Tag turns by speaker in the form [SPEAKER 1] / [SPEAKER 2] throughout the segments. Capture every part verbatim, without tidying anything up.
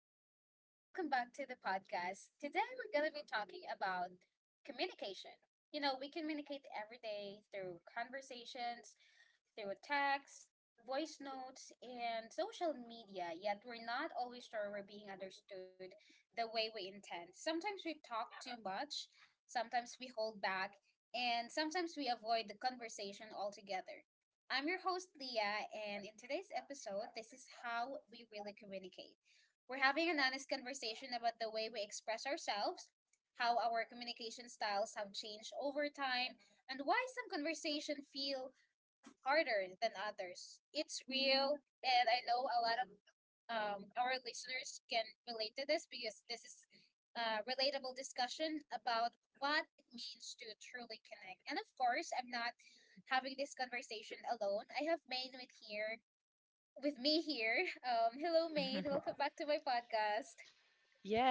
[SPEAKER 1] Hello, and welcome back to the podcast. Today, we're going to be talking about communication. You know, we communicate every day through conversations, through text, voice notes, and social media, yet we're not always sure we're being understood the way we intend. Sometimes we talk too much, sometimes we hold back, and sometimes we avoid the conversation altogether. I'm your host, Leah, and in today's episode, this is how we really communicate. We're having an honest conversation about the way we express ourselves, how our communication styles have changed over time, and why some conversation feel harder than others. It's real, and I know a lot of um, our listeners can relate to this because this is a relatable discussion about what it means to truly connect. And of course, I'm not having this conversation alone. I have Maine with here with me here. Um, hello, Maine. Welcome back to my podcast.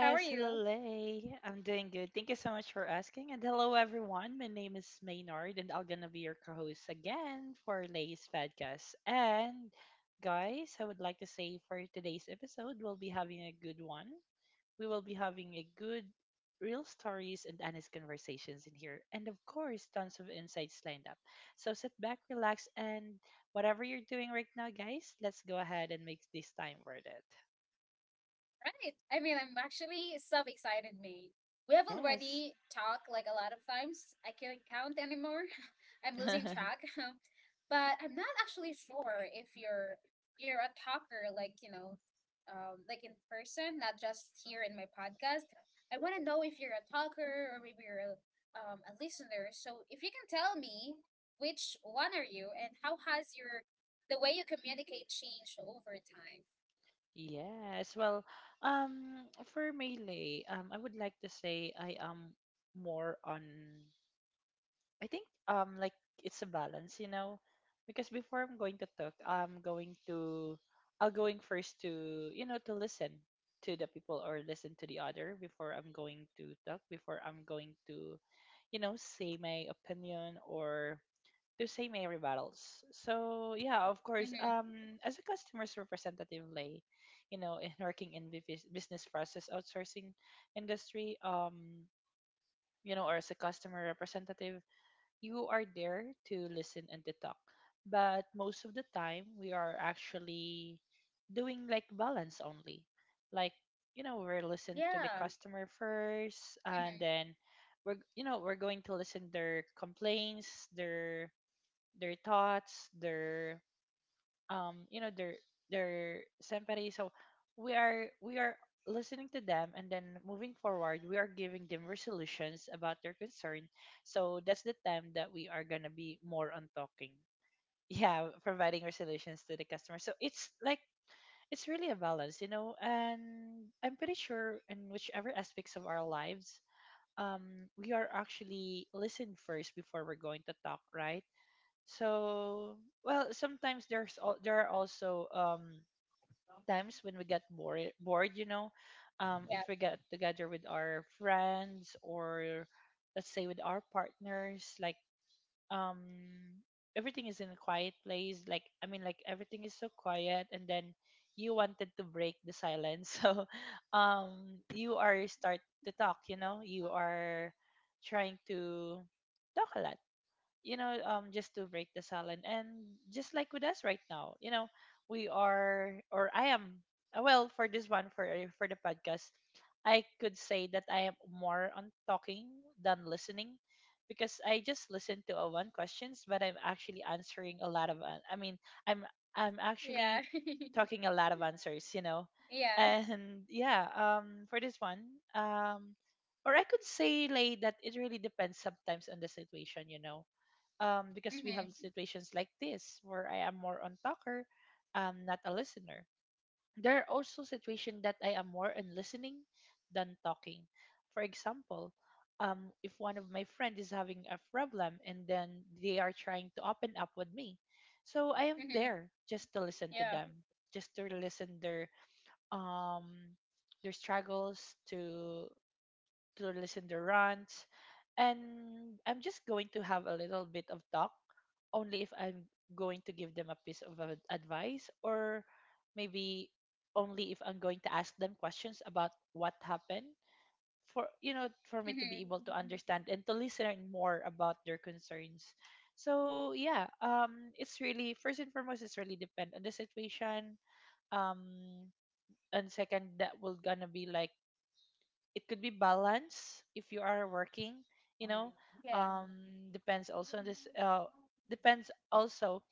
[SPEAKER 1] How are you?
[SPEAKER 2] hello Lay. I'm doing good. Thank you so much for asking. And hello everyone. My name is Maynard and I'm gonna be your co-host again for Lay's podcast. And guys, I would like to say for today's episode, we'll be having a good one. We will be having a good real stories and honest conversations in here. And of course, tons of insights lined up. So sit back, relax, and whatever you're doing right now, guys, let's go ahead and make this time worth it.
[SPEAKER 1] Right. I mean, I'm actually so excited, mate. We have already talked like a lot of times. I can't count anymore. I'm losing
[SPEAKER 2] Yes.
[SPEAKER 1] track. But I'm not actually sure if you're you're a talker, like, you know, um, like in person, not just here in my podcast. I want to know if you're a talker or maybe you're a, um, a listener. So if you can tell me which one are you, and how has your the way you communicate changed over time?
[SPEAKER 2] Yes. Well, um, for melee, um, I would like to say I am more on. I think um, like it's a balance, you know, because before I'm going to talk, I'm going to, I'll going first to you know to listen to the people or listen to the other before I'm going to talk before I'm going to, you know, say my opinion or to say my rebuttals. So yeah, of course,
[SPEAKER 1] Mm-hmm.
[SPEAKER 2] um, as a customer's representative, lay, you know, in working in the bus- business process outsourcing industry, um, you know, or as a customer representative, you are there to listen and to talk. But most of the time, we are actually doing like balance only, like you know, we're listening to the
[SPEAKER 1] Yeah.
[SPEAKER 2] customer first, and then we're you know we're going to listen their complaints, their their thoughts, their um, you know, their their sympathy. So we are we are listening to them, and then moving forward we are giving them resolutions about their concern. So that's the time that we are going to be more on talking. Yeah, providing resolutions to the customer. So it's like it's really a balance, you know, and I'm pretty sure in whichever aspects of our lives um we are actually listened first before we're going to talk, right? So, well, sometimes there's al- there are also um times when we get bored bored, you know. Um if
[SPEAKER 1] Yeah.
[SPEAKER 2] we get together with our friends or let's say with our partners, like um everything is in a quiet place, like I mean like everything is so quiet, and then you wanted to break the silence. So, um you are start to talk, you know. You are trying to talk a lot, you know, um, just to break the silence. And just like with us right now, you know, we are, or I am, uh, well, for this one, for uh, for the podcast, I could say that I am more on talking than listening, because I just listen to a one questions, but I'm actually answering a lot of, an- I mean, I'm I'm
[SPEAKER 1] Yeah.
[SPEAKER 2] actually talking a lot of answers, you know.
[SPEAKER 1] Yeah.
[SPEAKER 2] And yeah, um, for this one, um. Or I could say, like, that it really depends sometimes on the situation, you know. Um, because we
[SPEAKER 1] Mm-hmm.
[SPEAKER 2] have situations like this where I am more on talker, um, not a listener. There are also situations that I am more in listening than talking. For example, um, if one of my friends is having a problem and then they are trying to open up with me, so I am
[SPEAKER 1] Mm-hmm.
[SPEAKER 2] there just to listen to
[SPEAKER 1] Yeah.
[SPEAKER 2] them, just to listen their um their struggles, to to listen to rants, and I'm just going to have a little bit of talk only if I'm going to give them a piece of ad- advice, or maybe only if I'm going to ask them questions about what happened, for you know for me to be
[SPEAKER 1] Mm-hmm.
[SPEAKER 2] able to understand and to listen more about their concerns. So yeah, um it's really first and foremost it's really depend on the situation. Um and second, that will gonna be like it could be balance if you are working, you know,
[SPEAKER 1] Yeah.
[SPEAKER 2] um depends also on this uh depends also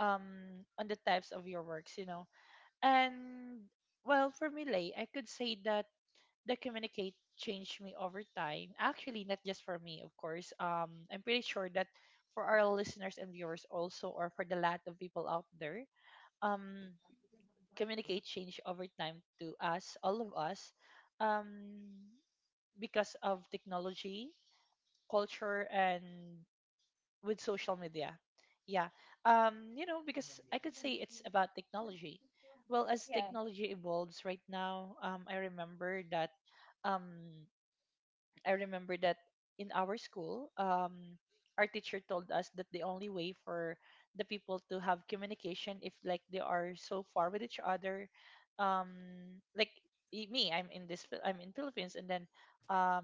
[SPEAKER 2] um on the types of your works, you know. And well, for me, lay, I could say that the communicate changed me over time, actually not just for me, of course. um I'm pretty sure that for our listeners and viewers also, or for the lot of people out there, um communicate change over time to us, all of us, um because of technology, culture, and with social media. Yeah. Um, you know, because I could say it's about technology. Well, as
[SPEAKER 1] Yeah.
[SPEAKER 2] technology evolves right now, um, I remember that um, I remember that in our school, um, our teacher told us that the only way for the people to have communication if like they are so far with each other, um, like i- me, I'm in this, Phil- I'm in Philippines, and then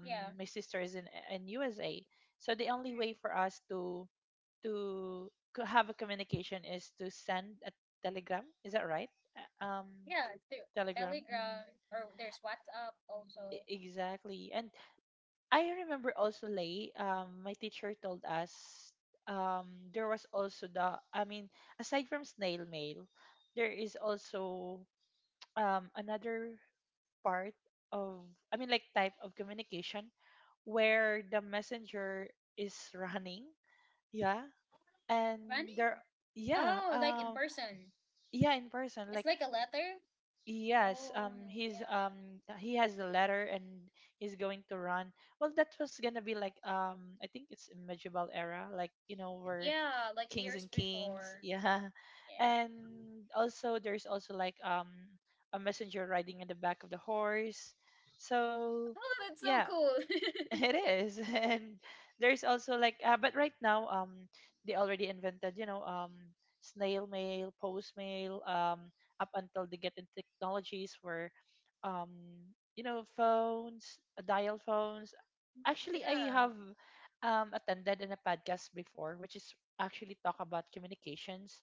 [SPEAKER 1] Yeah.
[SPEAKER 2] my sister is in in U S A. So the only
[SPEAKER 1] Mm.
[SPEAKER 2] way for us to to co- have a communication is to send a telegram. Is that right? Uh, Um,
[SPEAKER 1] Yeah. Through
[SPEAKER 2] telegram. Hmm.
[SPEAKER 1] Telegram, or there's WhatsApp also.
[SPEAKER 2] Exactly. And I remember also Lay, um, my teacher told us um, there was also the, I mean, aside from snail mail, there is also um, another part of, I mean, like type of communication where the messenger is running. Yeah. And there,
[SPEAKER 1] Running?
[SPEAKER 2] yeah,
[SPEAKER 1] Oh, like in
[SPEAKER 2] um,
[SPEAKER 1] person.
[SPEAKER 2] yeah, in person.
[SPEAKER 1] It's
[SPEAKER 2] Like
[SPEAKER 1] like a letter?
[SPEAKER 2] yes,
[SPEAKER 1] Oh,
[SPEAKER 2] um, he's
[SPEAKER 1] yeah.
[SPEAKER 2] um, he has the letter, and he's going to run. Well, that was gonna be like um, I think it's in medieval era, like you know, where
[SPEAKER 1] Yeah, like
[SPEAKER 2] kings
[SPEAKER 1] years
[SPEAKER 2] and kings,
[SPEAKER 1] before.
[SPEAKER 2] yeah.
[SPEAKER 1] Yeah.
[SPEAKER 2] And also, there's also like um, a messenger riding in the back of the horse. So,
[SPEAKER 1] Oh, that's so
[SPEAKER 2] yeah,
[SPEAKER 1] cool.
[SPEAKER 2] it is. And there's also like, uh, but right now, um, they already invented, you know, um, snail mail, post mail, um, up until they get in technologies where, um, you know, phones, uh, dial phones. Actually, I
[SPEAKER 1] Yeah.
[SPEAKER 2] have, um, attended in a podcast before, which is actually talk about communications,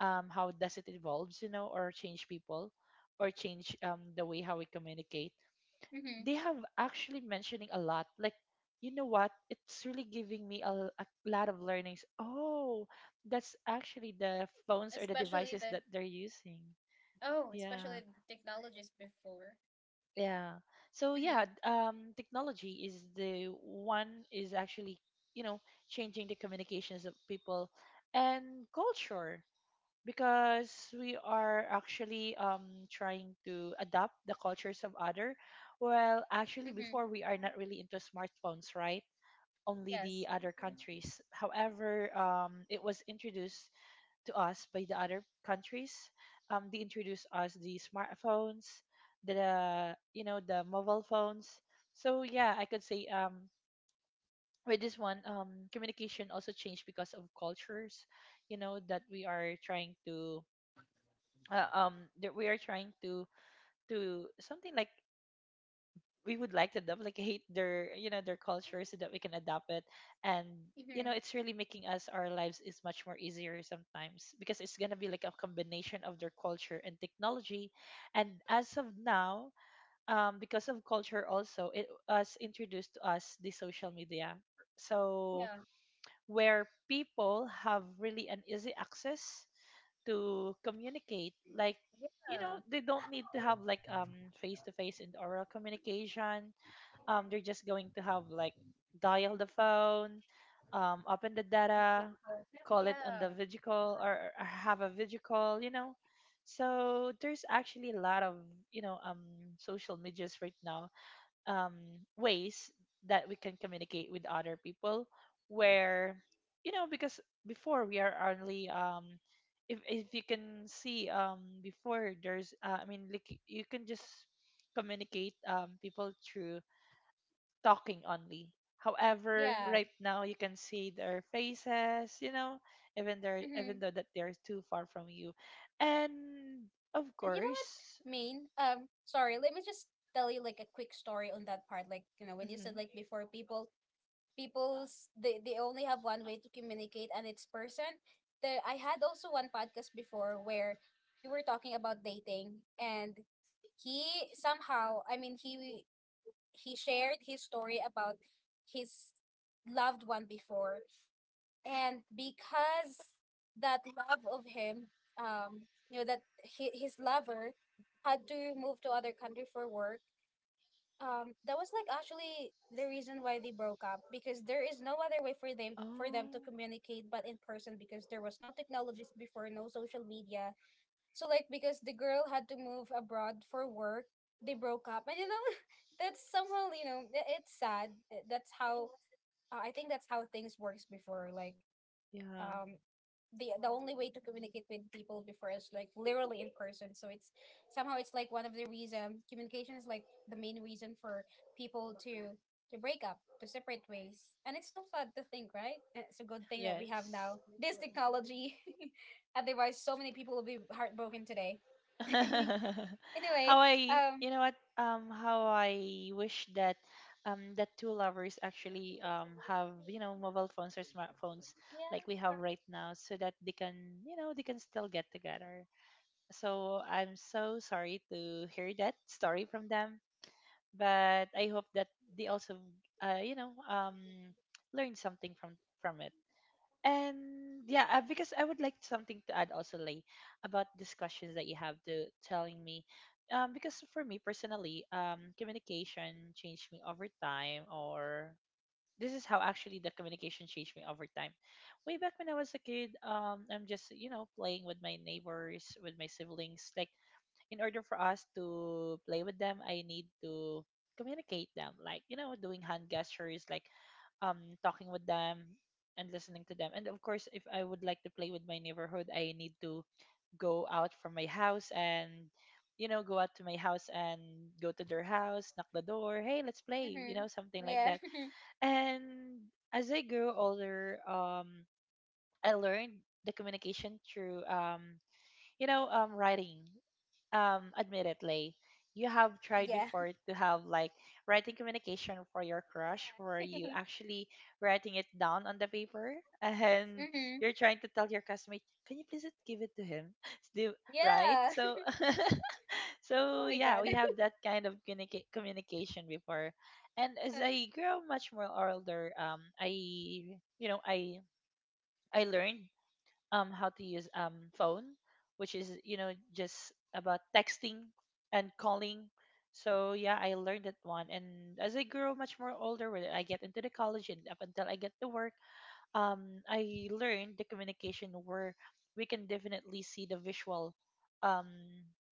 [SPEAKER 2] um, how does it evolves, you know, or change people, or change um the way how we communicate.
[SPEAKER 1] Mm-hmm.
[SPEAKER 2] They have actually mentioning a lot like you know what it's really giving me a, l- a lot of learnings. Oh, that's actually the phones or the
[SPEAKER 1] Especially
[SPEAKER 2] devices
[SPEAKER 1] the
[SPEAKER 2] that they're using.
[SPEAKER 1] oh, especially
[SPEAKER 2] Yeah,
[SPEAKER 1] the technologies before.
[SPEAKER 2] yeah. So yeah, d-
[SPEAKER 1] Mm-hmm.
[SPEAKER 2] um technology is the one is actually, you know, changing the communications of people, and culture, because we are actually um, trying to adopt the cultures of other. Well, actually
[SPEAKER 1] Mm-hmm.
[SPEAKER 2] before we are not really into smartphones, right? Only the
[SPEAKER 1] Yes.
[SPEAKER 2] other countries. However, um, it was introduced to us by the other countries. Um, they introduced us the smartphones, the you know the mobile phones. So yeah, I could say, um, with this one, um, communication also changed because of cultures, you know, that we are trying to uh, um that we are trying to to something like we would like to duplicate their you know their culture so that we can adapt it. And you know
[SPEAKER 1] Mhm.
[SPEAKER 2] it's really making us our lives is much more easier, sometimes because it's going to be like a combination of their culture and technology. And as of now, um because of culture also, it was introduced to us the social media. So
[SPEAKER 1] Yeah.
[SPEAKER 2] where people have really an easy access to communicate,
[SPEAKER 1] Yeah.
[SPEAKER 2] like you know they don't need to have like um face to face and oral communication. Um they're just going to have like dial the phone, um open the data, call it on
[SPEAKER 1] Yeah.
[SPEAKER 2] the video call, or, or have a video call, you know. So there's actually a lot of, you know, um social medias right now, um, ways that we can communicate with other people, where you know because before we are only um, if, if you can see um, before there's uh, I mean like you can just communicate um, people through talking only. However,
[SPEAKER 1] Yeah.
[SPEAKER 2] right now you can see their faces, you know, even they are
[SPEAKER 1] Mm-hmm.
[SPEAKER 2] even though that they're too far from you. And of
[SPEAKER 1] And you know what,
[SPEAKER 2] course.
[SPEAKER 1] Maine? Um, sorry, let me just tell you like a quick story on that part. Like, you know, when you said
[SPEAKER 2] Hmm.
[SPEAKER 1] like before people people's they, they only have one way to communicate, and it's person. The I had also one podcast before where we were talking about dating, and he somehow, I mean, he he shared his story about his loved one before. And because that love of him, um you know, that hi- his lover had to move to other country for work. Um that was like actually the reason why they broke up, because there is no other way for them for
[SPEAKER 2] Oh,
[SPEAKER 1] them to communicate but in person, because there was no technologies before, no social media. So like because the girl had to move abroad for work, they broke up and you know that's somehow, you know i- it's sad. Uh, that's how uh, I think that's how things works before. Like,
[SPEAKER 2] yeah.
[SPEAKER 1] um the the only way to communicate with people before is like literally in person. So it's somehow, it's like one of the reason communication is like the main reason for people to to break up, to separate ways. And it's so sad to think, right? And it's a good thing that we have
[SPEAKER 2] Yes.
[SPEAKER 1] now this technology. Otherwise, so many people will be heartbroken today. Anyway,
[SPEAKER 2] How I,
[SPEAKER 1] um,
[SPEAKER 2] you know what, um, how I wish that, um, that two lovers actually, um, have, you know, mobile phones or smartphones like we have
[SPEAKER 1] yeah.
[SPEAKER 2] right now so that they can, you know, they can still get together. So I'm so sorry to hear that story from them, but I hope that they also, uh, you know, um, learn something from, from it. And yeah, uh, because I would like something to add also, Lay, about these questions that you have to telling me. Um, because for me personally, um, communication changed me over time, or this is how actually the communication changed me over time. Way back when I was a kid, um, I'm just you know playing with my neighbors, with my siblings, like in order for us to play with them, I need to communicate them, like you know, doing hand gestures, like um talking with them and listening to them. And of course, if I would like to play with my neighborhood, I need to go out from my house and you know, go out to my house and go to their house, knock the door. Hey, let's play, you
[SPEAKER 1] Hmm.
[SPEAKER 2] know, something like
[SPEAKER 1] Yeah.
[SPEAKER 2] that. And as I grew older, um, I learned the communication through um, you know, um, writing. Um admit it, Lay. You have tried
[SPEAKER 1] Yeah.
[SPEAKER 2] before to have like writing communication for your crush where you
[SPEAKER 1] Yeah.
[SPEAKER 2] actually writing it down on the paper and
[SPEAKER 1] Hmm.
[SPEAKER 2] you're trying to tell your customate, can you please give it to him? Do- Right?
[SPEAKER 1] Yeah.
[SPEAKER 2] So so
[SPEAKER 1] Oh my
[SPEAKER 2] yeah,
[SPEAKER 1] god.
[SPEAKER 2] we have that kind of communica- communication before. And as I grow much more older, um I you know, I I learned um how to use um phone, which is you know just about texting and calling. So yeah, I learned that one. And as I grew much more older, when I get into the college and up until I get to work, um I learned the communication where we can definitely see the visual, um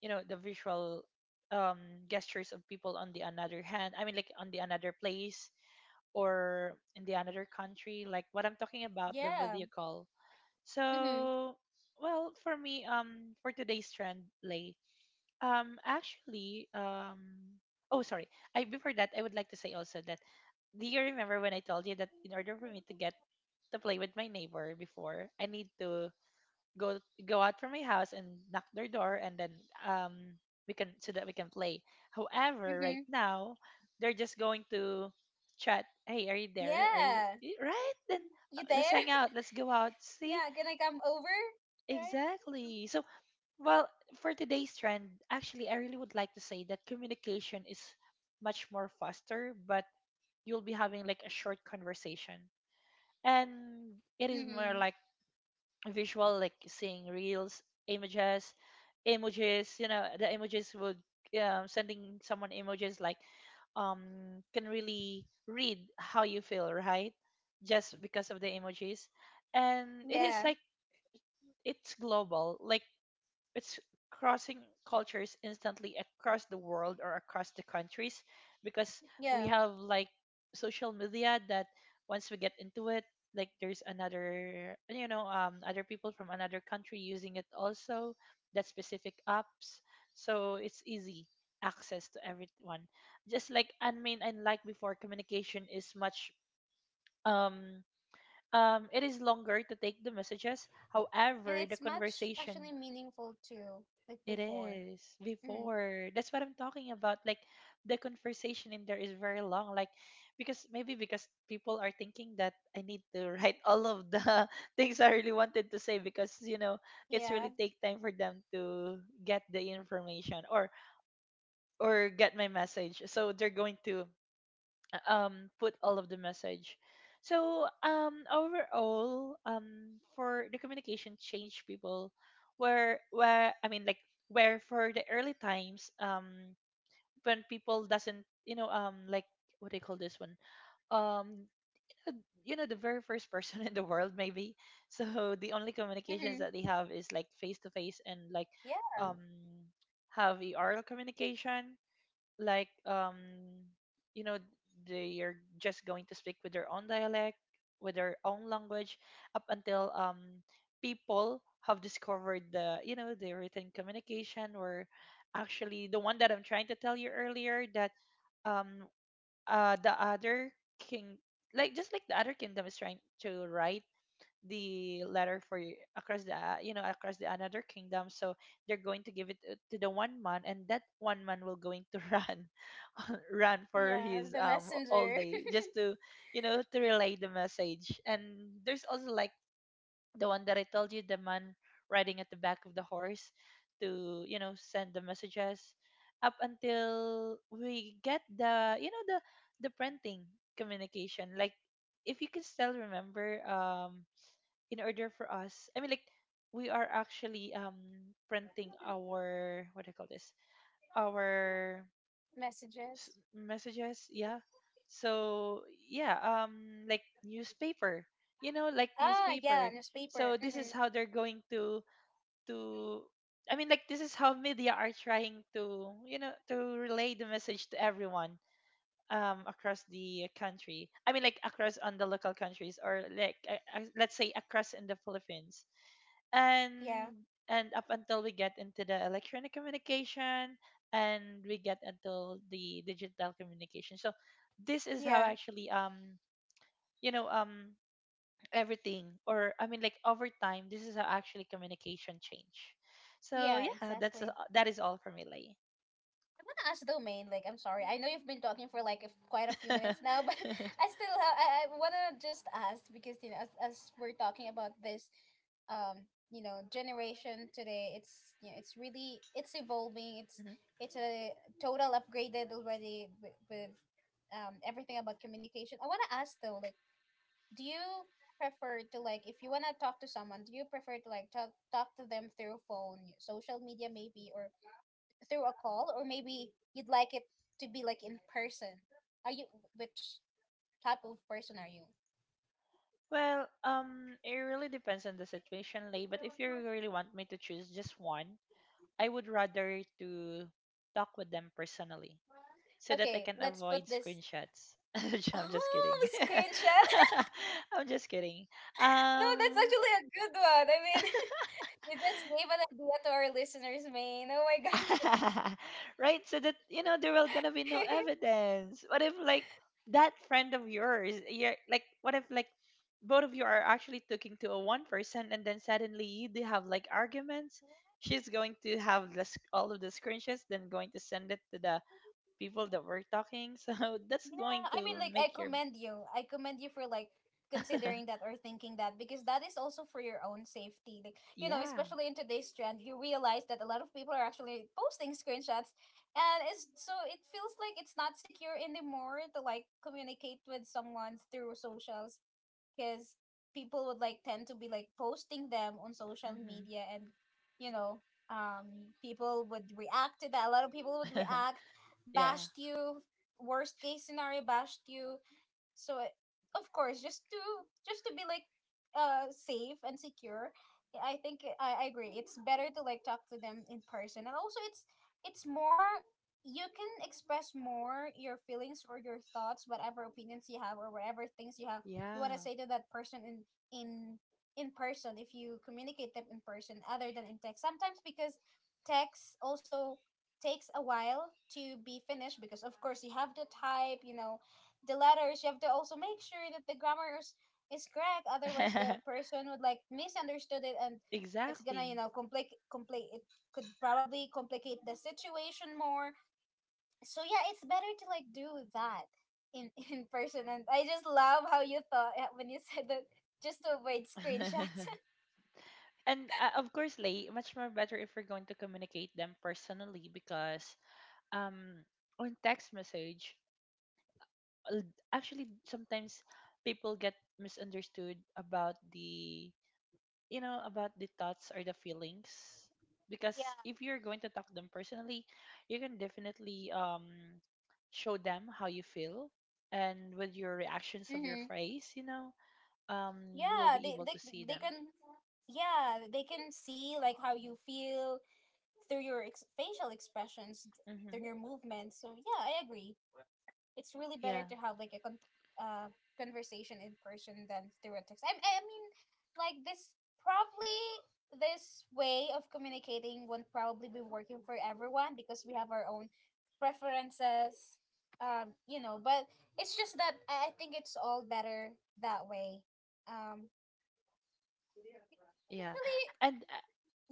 [SPEAKER 2] you know the visual, um gestures of people on the another hand. I mean, like, on the another place or in the another country, like what I'm talking about, the
[SPEAKER 1] Yeah.
[SPEAKER 2] video call.
[SPEAKER 1] Mhm.
[SPEAKER 2] So, well, for me, um, for today's trend, Lay, um, actually, um, oh, sorry. I before that, I would like to say also that, do you remember when I told you that in order for me to get to play with my neighbor before, I need to go go out from my house and knock their door, and then, um, we can so that we can play. However, right
[SPEAKER 1] Mhm.
[SPEAKER 2] now, they're just going to chat. Hey, are you there? Are you
[SPEAKER 1] Yeah.
[SPEAKER 2] y- right? Then
[SPEAKER 1] You
[SPEAKER 2] uh, let's
[SPEAKER 1] there?
[SPEAKER 2] hang out. Let's go out. See,
[SPEAKER 1] Yeah. Can I come over? Right.
[SPEAKER 2] exactly. So, well, for today's trend, actually, I really would like to say that communication is much more faster, but you'll be having like a short conversation. And it is more
[SPEAKER 1] Mhm.
[SPEAKER 2] like visual, like seeing reels, images, emojis. You know, the emojis would, um, sending someone emojis like, um, can really read how you feel, right? Just because of the emojis. And it is
[SPEAKER 1] Yeah.
[SPEAKER 2] like, it's global. Like, it's crossing cultures instantly across the world or across the countries, because
[SPEAKER 1] Yeah.
[SPEAKER 2] we have like social media that once we get into it, like there's another, you know, um, other people from another country using it also, that specific apps. So it's easy access to everyone. Just like, I mean, and like before, communication is much um um it is longer to take the messages.
[SPEAKER 1] And
[SPEAKER 2] However, the
[SPEAKER 1] it's much
[SPEAKER 2] conversation,
[SPEAKER 1] actually meaningful too, like
[SPEAKER 2] it
[SPEAKER 1] before.
[SPEAKER 2] is
[SPEAKER 1] Mhm.
[SPEAKER 2] before. That's what I'm talking about. Like the conversation in there is very long. Like, because maybe because people are thinking that I need to write all of the things I really wanted to say, because you know it's
[SPEAKER 1] Yeah.
[SPEAKER 2] really take time for them to get the information or or get my message. So they're going to um put all of the message. So um overall, um for the communication change people, where where I mean, like where for the early times, um when people doesn't you know um like, what do you call this one? um you know, the very first person in the world, maybe. So the only communications
[SPEAKER 1] Mhm.
[SPEAKER 2] that they have is like face to face, and like
[SPEAKER 1] Yeah.
[SPEAKER 2] um have a oral communication, like um you know, they are just going to speak with their own dialect, with their own language, up until um people have discovered the, you know the written communication, or actually the one that I'm trying to tell you earlier, that um uh the other king, like just like the other kingdom is trying to write the letter for y- across the uh, you know across the another kingdom. So they're going to give it, uh, to the one man, and that one man will going to run run for
[SPEAKER 1] Yeah.
[SPEAKER 2] his
[SPEAKER 1] The
[SPEAKER 2] um all
[SPEAKER 1] messenger.
[SPEAKER 2] day just to you know to relay the message. And there's also like the one that I told you, the man riding at the back of the horse to, you know send the messages, up until we get the, you know the the printing communication. Like if you can still remember, um in order for us, I mean, like we are actually um printing our, what do you call this, our s-
[SPEAKER 1] Messages.
[SPEAKER 2] messages, yeah. So yeah, um like newspaper, you know like
[SPEAKER 1] Ah, yeah,
[SPEAKER 2] newspaper.
[SPEAKER 1] newspaper.
[SPEAKER 2] So this
[SPEAKER 1] Hmm.
[SPEAKER 2] is how they're going to to I mean, like this is how media are trying to, you know to relay the message to everyone, um across the country, I mean, like across on the local countries, or like uh, uh, let's say across in the Philippines. and
[SPEAKER 1] Yeah,
[SPEAKER 2] and up until we get into the electronic communication, and we get until the digital communication. So this is how
[SPEAKER 1] yeah,
[SPEAKER 2] actually, um you know um everything, or I mean, like over time, this is how actually communication change. So
[SPEAKER 1] yeah,
[SPEAKER 2] yeah, that's a-
[SPEAKER 1] exactly.
[SPEAKER 2] that is all for me, Lay.
[SPEAKER 1] I'm gonna ask Domain. Like, I'm sorry, I know you've been talking for like a f quite a few minutes now, but I still have. I, I wanna just ask because, you know, as, as we're talking about this, um, you know,
[SPEAKER 2] Hmm.
[SPEAKER 1] generation today, it's you know, it's really it's evolving. It's it's a total upgraded already with, with um everything about communication. I wanna ask though, like, do you prefer to like, if you wanna talk to someone, do you prefer to like talk talk to them through phone, social media maybe, or through a call, or maybe you'd like it to be like in person? Are you Which type of person are you?
[SPEAKER 2] Well, um it really depends on the situation, Lay, but if you really want me to choose just one, I would rather to talk with them personally, so that I
[SPEAKER 1] Okay,
[SPEAKER 2] can
[SPEAKER 1] let's
[SPEAKER 2] avoid
[SPEAKER 1] put this.
[SPEAKER 2] screenshots. I'm just
[SPEAKER 1] Oh,
[SPEAKER 2] kidding.
[SPEAKER 1] screenshot.
[SPEAKER 2] I'm just kidding.
[SPEAKER 1] No, that's
[SPEAKER 2] Um,
[SPEAKER 1] actually a good one. I mean, you just gave an idea to our listeners, man. Oh my god.
[SPEAKER 2] right, so that you know there will gonna be no evidence. What if like that friend of yours, you're like, what if like both of you are actually talking to a one person, and then suddenly you do have like arguments. She's going to have the, sc- all of the screenshots, then going to send it to the people that were talking. So that's
[SPEAKER 1] Yeah,
[SPEAKER 2] going
[SPEAKER 1] I
[SPEAKER 2] to
[SPEAKER 1] mean, like,
[SPEAKER 2] make
[SPEAKER 1] I
[SPEAKER 2] your.
[SPEAKER 1] commend you. I commend you for like considering that or thinking that, because that is also for your own safety. Like, you know,
[SPEAKER 2] Yeah.
[SPEAKER 1] especially in today's trend, you realize that a lot of people are actually posting screenshots, and it's so it feels like it's not secure anymore to like communicate with someone through socials, because people would like tend to be like posting them on social
[SPEAKER 2] Mm-hmm.
[SPEAKER 1] media, and, you know um people would react to that, a lot of people would react,
[SPEAKER 2] Yeah.
[SPEAKER 1] bashed you, worst case scenario bashed you. So it, of course, just to just to be like uh safe and secure, I think I, I agree it's better to like talk to them in person. And also, it's it's more, you can express more your feelings or your thoughts, whatever opinions you have, or whatever things you have you want to
[SPEAKER 2] Yeah.
[SPEAKER 1] say to that person in in in person, if you communicate them in person other than in text sometimes, because text also takes a while to be finished, because of course you have to type, you know, the letters, you have to also make sure that the grammar is, is correct, otherwise the person would like misunderstood it, and it's gonna, you
[SPEAKER 2] Exactly.
[SPEAKER 1] know complicate complicate it, could probably complicate the situation more. So yeah, it's better to like do that in in person. And I just love how you thought, uh, when you said that just to avoid screenshots.
[SPEAKER 2] And, uh, of course, Lay, much more better if we're going to communicate them personally, because um on text message, l- actually sometimes people get misunderstood about the, you know about the thoughts or the feelings,
[SPEAKER 1] Yeah.
[SPEAKER 2] because if you're going to talk them personally, you can definitely um show them how you feel, and with your reactions of
[SPEAKER 1] Mm-hmm.
[SPEAKER 2] your face, you know, um you
[SPEAKER 1] Yeah,
[SPEAKER 2] will
[SPEAKER 1] they,
[SPEAKER 2] be
[SPEAKER 1] they
[SPEAKER 2] able to see
[SPEAKER 1] they
[SPEAKER 2] them.
[SPEAKER 1] can, yeah, they can see like how you feel through your ex- facial expressions, through
[SPEAKER 2] Hmm.
[SPEAKER 1] your movements. So yeah, I agree. It's really better
[SPEAKER 2] Yeah.
[SPEAKER 1] to have like a con- uh, conversation in person than through a text. I, I mean, like this probably this way of communicating won't probably be working for everyone, because we have our own preferences. Um, you know, but it's just that I I think it's all better that way. Um,
[SPEAKER 2] Yeah.
[SPEAKER 1] Actually,
[SPEAKER 2] And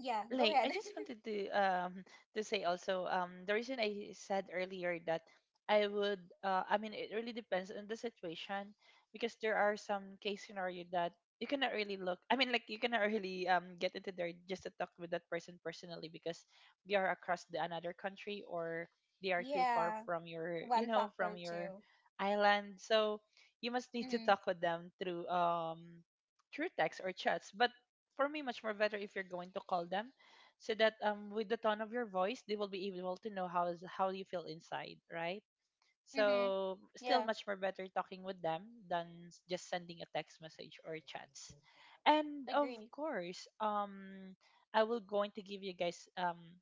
[SPEAKER 1] yeah.
[SPEAKER 2] I
[SPEAKER 1] Go
[SPEAKER 2] just
[SPEAKER 1] ahead.
[SPEAKER 2] wanted to um to say also, um the reason I said earlier that I would, uh I mean, it really depends on the situation, because there are some case scenario that you cannot really look, I mean, like you cannot really um get into there just to talk with that person personally, because they are across the another country, or they are too far
[SPEAKER 1] Yeah,
[SPEAKER 2] from your, you
[SPEAKER 1] one
[SPEAKER 2] know from
[SPEAKER 1] factor
[SPEAKER 2] your
[SPEAKER 1] too.
[SPEAKER 2] island. So you must need to
[SPEAKER 1] Mhm.
[SPEAKER 2] talk with them through, um through text or chats. But for me, much more better if you're going to call them, so that, um with the tone of your voice, they will be able to know how is how you feel inside, right?
[SPEAKER 1] Mhm.
[SPEAKER 2] So still
[SPEAKER 1] Yeah.
[SPEAKER 2] much more better talking with them than s- just sending a text message or chats. And of
[SPEAKER 1] Agree.
[SPEAKER 2] course, um I will going to give you guys, um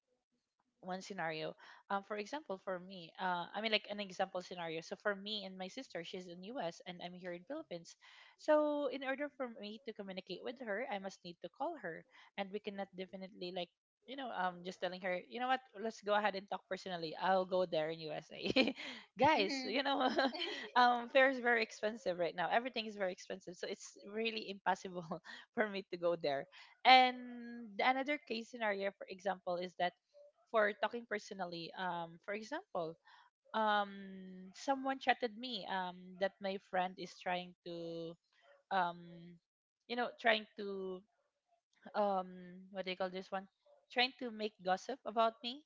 [SPEAKER 2] one scenario. Um, for example, for me, uh, I mean, like an example scenario. So for me and my sister, she's in U S and I'm here in Philippines. So in order for me to communicate with her, I must need to call her, and we cannot definitely like, you know um just telling her, you know what, let's go ahead and talk personally, I'll go there in USA. Guys,
[SPEAKER 1] Mhm.
[SPEAKER 2] you know. um fare is very expensive right now. Everything is very expensive, so it's really impossible for me to go there. And the another case scenario, for example, is that for talking personally. Um, for example, um, someone chatted me, um, that my friend is trying to, um, you know, trying to, um, what do you call this one? Trying to make gossip about me.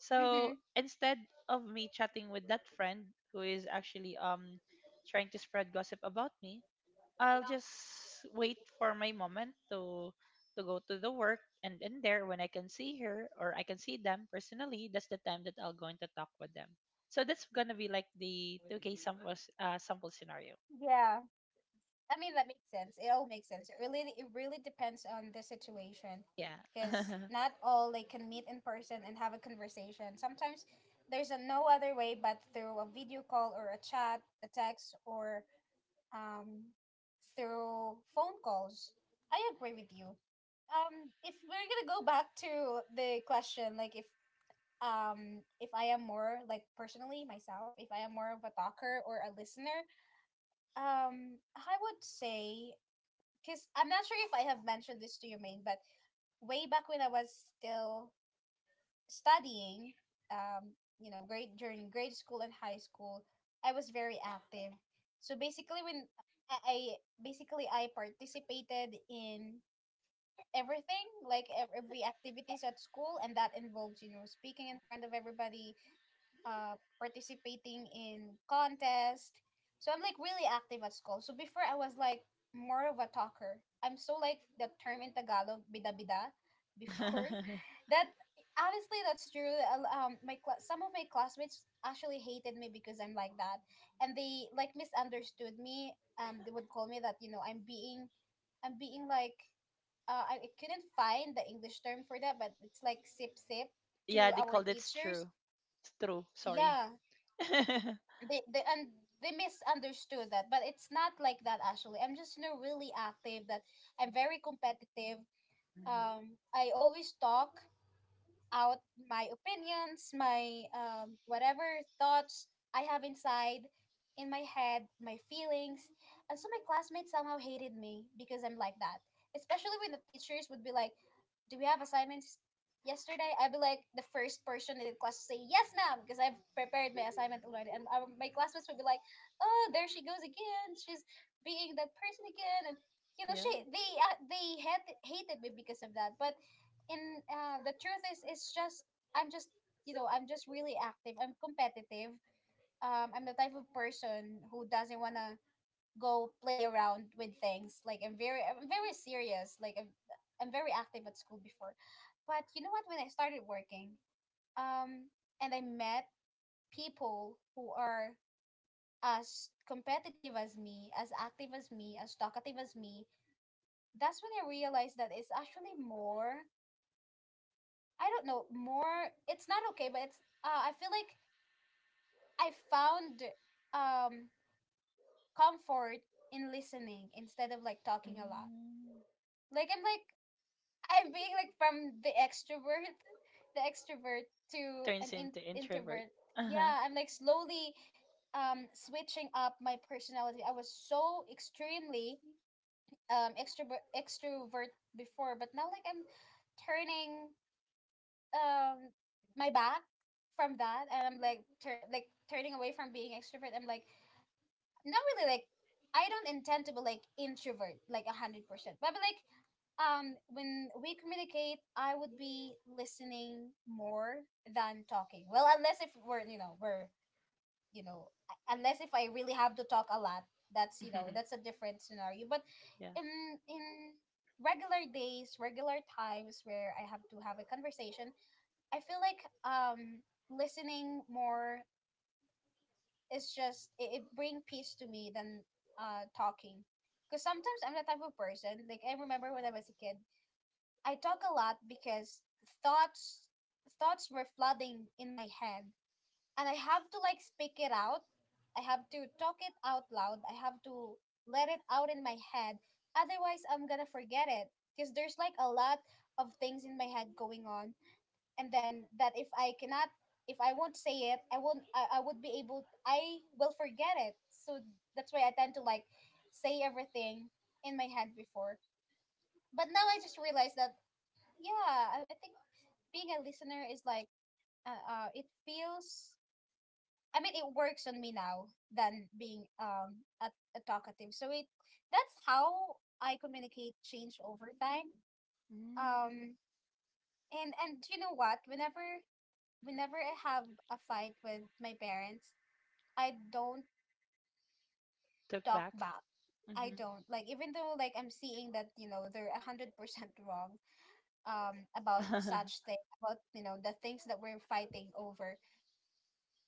[SPEAKER 2] So
[SPEAKER 1] Mhm.
[SPEAKER 2] instead of me chatting with that friend, who is actually, um, trying to spread gossip about me, I'll just wait for my moment to to go to the work, and in there when I can see her or I can see them personally, that's the time that I'll going to talk with them. So that's gonna be like the two k sample, s- uh, sample scenario.
[SPEAKER 1] Yeah. I mean that makes sense. It all makes sense. It really it really depends on the situation,
[SPEAKER 2] Yeah.
[SPEAKER 1] because not all they can meet in person and have a conversation. Sometimes there's a no other way but through a video call or a chat, a text, or um through phone calls. I agree with you. Um if we're going to go back to the question, like if um if I am more, like personally myself, if I am more of a talker or a listener, um I would say, because I'm not sure if I have mentioned this to you, main but way back when I was still studying, um you know, grade during grade school and high school, I was very active. So basically, when i I- basically I participated in everything, like ev- every activities at school, and that involves, you know, speaking in front of everybody, uh, participating in contest. So I'm like really active at school. So before I was like more of a talker. I'm so like the term in Tagalog bida bida before. That honestly that's true. Al- um my cla- some of my classmates actually hated me because I'm like that, and they like misunderstood me, and they would call me that, you know, I'm being, i'm being like uh, I I couldn't find the English term for that, but it's like sip sip
[SPEAKER 2] Yeah,
[SPEAKER 1] to
[SPEAKER 2] they
[SPEAKER 1] our
[SPEAKER 2] called it's
[SPEAKER 1] teachers.
[SPEAKER 2] true. It's true, sorry.
[SPEAKER 1] Yeah, they they and they misunderstood that, but it's not like that actually. I'm just, you know, really active. That I'm very competitive.
[SPEAKER 2] Mhm.
[SPEAKER 1] Um, I always talk out my opinions, my um, whatever thoughts I have inside, in my head, my feelings. And so my classmates somehow hated me because I'm like that. Especially when the teachers would be like, "Do we have assignments yesterday?" I'd be like the first person in the class to say, "Yes, ma'am," because I've prepared my assignment already. And our, my classmates would be like, "Oh, there she goes again. She's being that person again." And you know, she
[SPEAKER 2] Yeah.
[SPEAKER 1] they uh, they had hated me because of that. But and uh, the truth is it's just i'm just you know I'm just really active. I'm competitive. Um, i'm the type of person who doesn't want to go play around with things. Like i'm very i'm very serious. Like I'm, I'm very active at school before. But you know what, when I started working, um, and I met people who are as competitive as me, as active as me, as talkative as me, that's when I realized that it's actually more, I don't know, more, it's not okay, but it's uh, I feel like I found um comfort in listening instead of like talking a lot.
[SPEAKER 2] Mm.
[SPEAKER 1] Like I'm like I'm being like from the extrovert the extrovert to an
[SPEAKER 2] Turns
[SPEAKER 1] in-
[SPEAKER 2] into introvert.
[SPEAKER 1] introvert.
[SPEAKER 2] Uh-huh.
[SPEAKER 1] Yeah, I'm like slowly um switching up my personality. I was so extremely um extrovert extrovert before, but now like I'm turning um my back from that, and I'm like tur- like turning away from being extrovert. I'm like not really like, I don't intend to be like introvert like one hundred percent, but, but like um when we communicate, I would be listening more than talking. Well, unless if we're, you know we're you know u- unless if I really have to talk a lot, that's, you know that's a different scenario. But
[SPEAKER 2] Yeah.
[SPEAKER 1] in in regular days, regular times where I have to have a conversation, I feel like um listening more is just it, it bring peace to me than uh talking. Because sometimes I'm the type of person, like I remember when I was a kid, I talk a lot because thoughts thoughts were flooding in my head, and I have to like speak it out. I have to talk it out loud. I have to let it out in my head. Otherwise, I'm gonna forget it because there's like a lot of things in my head going on, and then that, if I cannot, if I won't say it, I won't I, I would be able, I will forget it. So that's why I tend to like say everything in my head before. But now I just realized that yeah, I, I think being a listener is like uh, uh it feels, I mean, it works on me now than being um a, a talkative. So it that's how I communicate change over time.
[SPEAKER 2] Mm.
[SPEAKER 1] Um and and you know what? Whenever whenever I have a fight with my parents, I don't
[SPEAKER 2] Took
[SPEAKER 1] talk
[SPEAKER 2] back.
[SPEAKER 1] back. I
[SPEAKER 2] Hmm.
[SPEAKER 1] don't, like, even though like I'm seeing that you know they're a hundred percent wrong um about such thing, about you know the things that we're fighting over.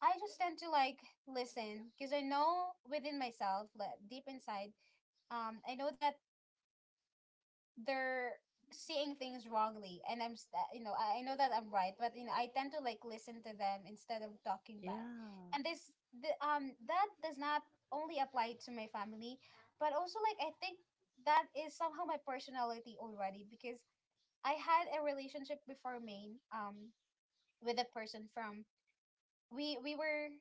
[SPEAKER 1] I just tend to like listen because I know within myself, like deep inside um I know that they're seeing things wrongly, and i'm st- you know I, I know that I'm right, but you know I tend to like listen to them instead of talking back.
[SPEAKER 2] Yeah.
[SPEAKER 1] And this the, um that does not only apply to my family, but also like I think that is somehow my personality already. Because I had a relationship before, maine, um with a person from, we we were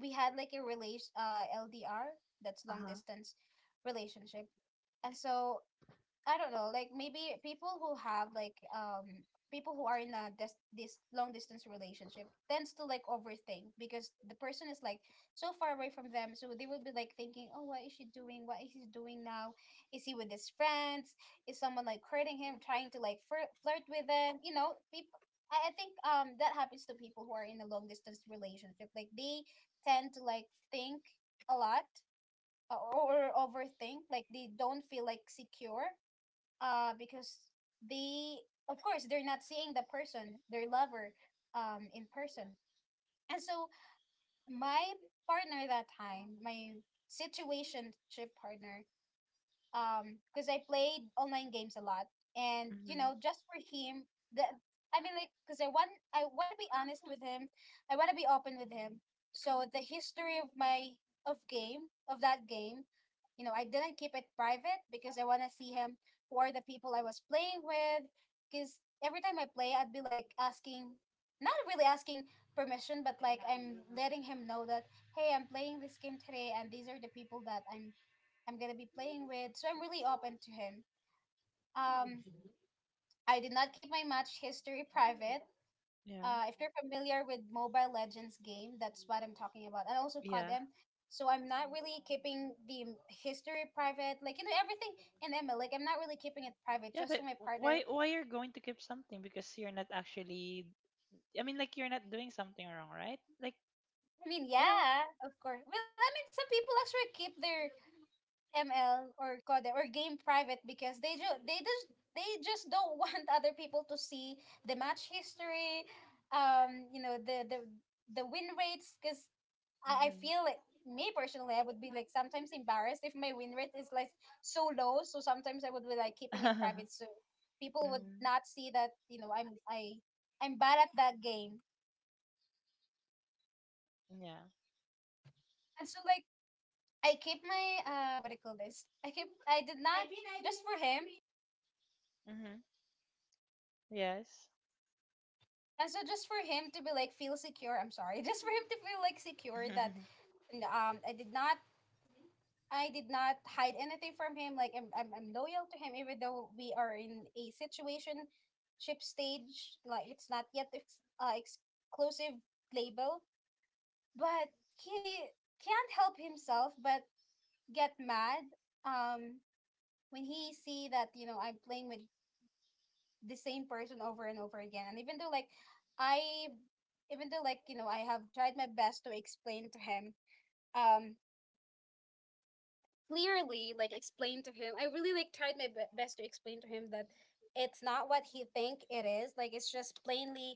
[SPEAKER 1] we had like a relation, uh LDR, that's long
[SPEAKER 2] Uh-huh.
[SPEAKER 1] distance relationship. And so I don't know, like maybe people who have like um people who are in a dis- this long distance relationship tends to like overthink because the person is like so far away from them, so they will be like thinking, oh, what is she doing, what is he doing now, is he with his friends, is someone like hurting him, trying to like flir- flirt with them. You know people, I I think um that happens to people who are in a long distance relationship. Like they tend to like think a lot, or, or overthink. Like they don't feel like secure uh because they, of course they're not seeing the person, their lover, um in person. And so my partner that time, my situationship partner, um because I played online games a lot, and you
[SPEAKER 2] Mhm.
[SPEAKER 1] know just for him, the I mean like because I want I want to be honest with him, I want to be open with him. So the history of my, of game, of that game, you know, I didn't keep it private because I want to see him, who are the people I was playing with. Because every time I play, I'd be like asking, not really asking permission, but like I'm letting him know that, hey, I'm playing this game today, and these are the people that I'm I'm gonna be playing with. So I'm really open to him. Um, I did not keep my match history private.
[SPEAKER 2] Yeah.
[SPEAKER 1] Uh, if you're familiar with Mobile Legends game, that's what I'm talking about, and also
[SPEAKER 2] Yeah.
[SPEAKER 1] C O D M. So I'm not really keeping the m- history private, like you know everything in M L. Like I'm not really keeping it private,
[SPEAKER 2] Yeah,
[SPEAKER 1] just
[SPEAKER 2] but
[SPEAKER 1] to my partner.
[SPEAKER 2] why why you're going to keep something, because you're not actually, I mean, like you're not doing something wrong, right? Like,
[SPEAKER 1] I mean,
[SPEAKER 2] you know.
[SPEAKER 1] yeah, of course. Well, I mean, some people actually keep their M L or Code or game private because they ju- they just they just don't want other people to see the match history, um, you know the the the win rates. Because I, I
[SPEAKER 2] Mhm.
[SPEAKER 1] feel like, me personally, I would be like sometimes embarrassed if my win rate is like so low. So sometimes I would be like keeping it private, so people would
[SPEAKER 2] Mm.
[SPEAKER 1] not see that you know I'm I I'm bad at that game.
[SPEAKER 2] Yeah.
[SPEAKER 1] And so like I keep my uh what do you call this? I keep I did not, just for him.
[SPEAKER 2] Mhm. Yes.
[SPEAKER 1] And so just for him to be like feel secure, I'm sorry, just for him to feel like secure that n- um I did not, I did not hide anything from him. Like I'm I'm, I'm loyal to him even though we are in a situation ship stage, like it's not yet ex- uh, exclusive label, but he can't help himself but get mad um when he see that you know I'm playing with the same person over and over again. And even though like I, even though like, you know, I have tried my best to explain to him, um,
[SPEAKER 2] Mhm.
[SPEAKER 1] clearly, like explain to him. I really like tried my be- best to explain to him that it's not what he think it is. Like it's just plainly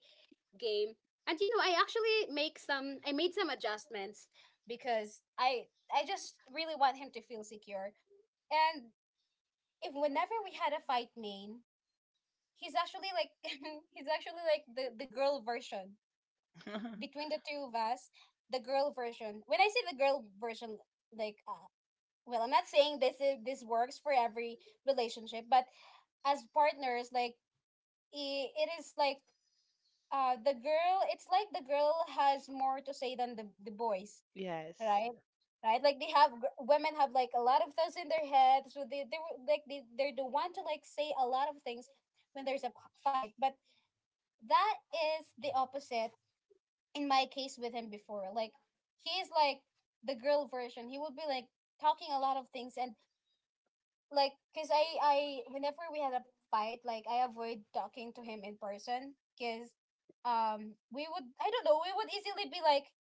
[SPEAKER 1] game. And you know, I actually make some I made some adjustments because I I just really want him to feel secure. And if, whenever we had a fight, main, he's actually like he's actually like the, the girl version, between the two of us, the girl version. When I say the girl version, like, uh, well, I'm not saying this is, this works for every relationship, but as partners, like, I it is like, uh, the girl, it's like the girl has more to say than the the boys,
[SPEAKER 2] Yes.
[SPEAKER 1] right? Right, like they have gr- women have like a lot of thoughts in their head, so they they were- like they they're the one to like say a lot of things when there's a p- fight. But that is the opposite in my case with him before. Like he is like the girl version. He would be like talking a lot of things. And like because I I whenever we had a fight, like I avoid talking to him in person because um we would, I don't know, we would easily be like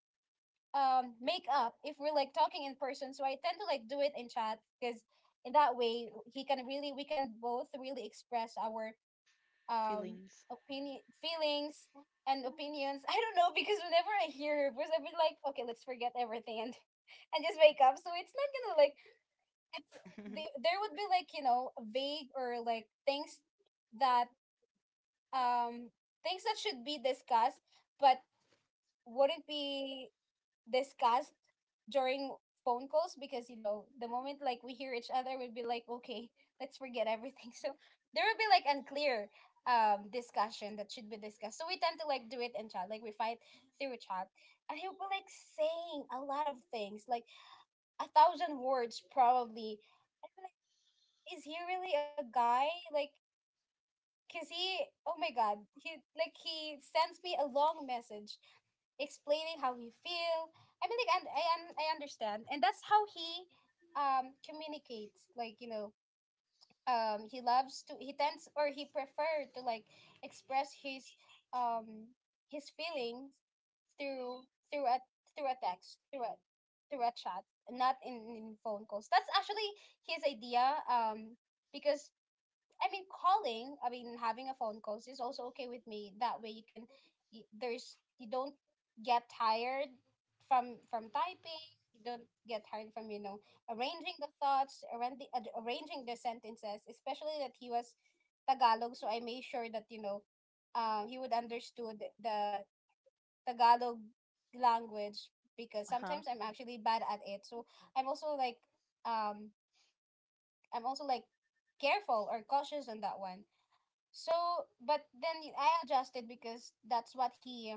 [SPEAKER 1] um make up if we're like talking in person. So I tend to like do it in chat because in that way he can really, we can both really express our um
[SPEAKER 2] Feelings.
[SPEAKER 1] opinion, feelings and opinions. I don't know, because whenever I hear her voice, I've been like, okay, let's forget everything and and just wake up. So it's not gonna like, it's, there there would be like you know vague, or like things that um things that should be discussed, but wouldn't be discussed during phone calls, because you know the moment like we hear each other, we'll be like, okay, let's forget everything so there will be like unclear um discussion that should be discussed. So we tend to like do it in chat, like we fight through chat, and he'll be like saying a lot of things, like a thousand words probably. I'm like, is he really a guy? Like because he oh my god, he, like he sends me a long message explaining how he feel. I mean, like, and I un- I understand, and that's how he um communicates. Like you know, um, he loves to, he tends, or he prefer to like express his um his feelings through, through a through a text, through a through a chat, not in, in phone calls. That's actually his idea. Um, because I mean, calling, I mean, having a phone calls is also okay with me. That way you can, y- there's, you don't get tired from from typing. You don't get tired from, you know, arranging the thoughts, arranging, arranging the sentences, especially that he was Tagalog. So I made sure that, you know, um, he would understood the Tagalog language, because
[SPEAKER 2] Uh-huh.
[SPEAKER 1] sometimes I'm actually bad at it. So I'm also like, um, I'm also like careful or cautious on that one. So, but then I adjusted because that's what he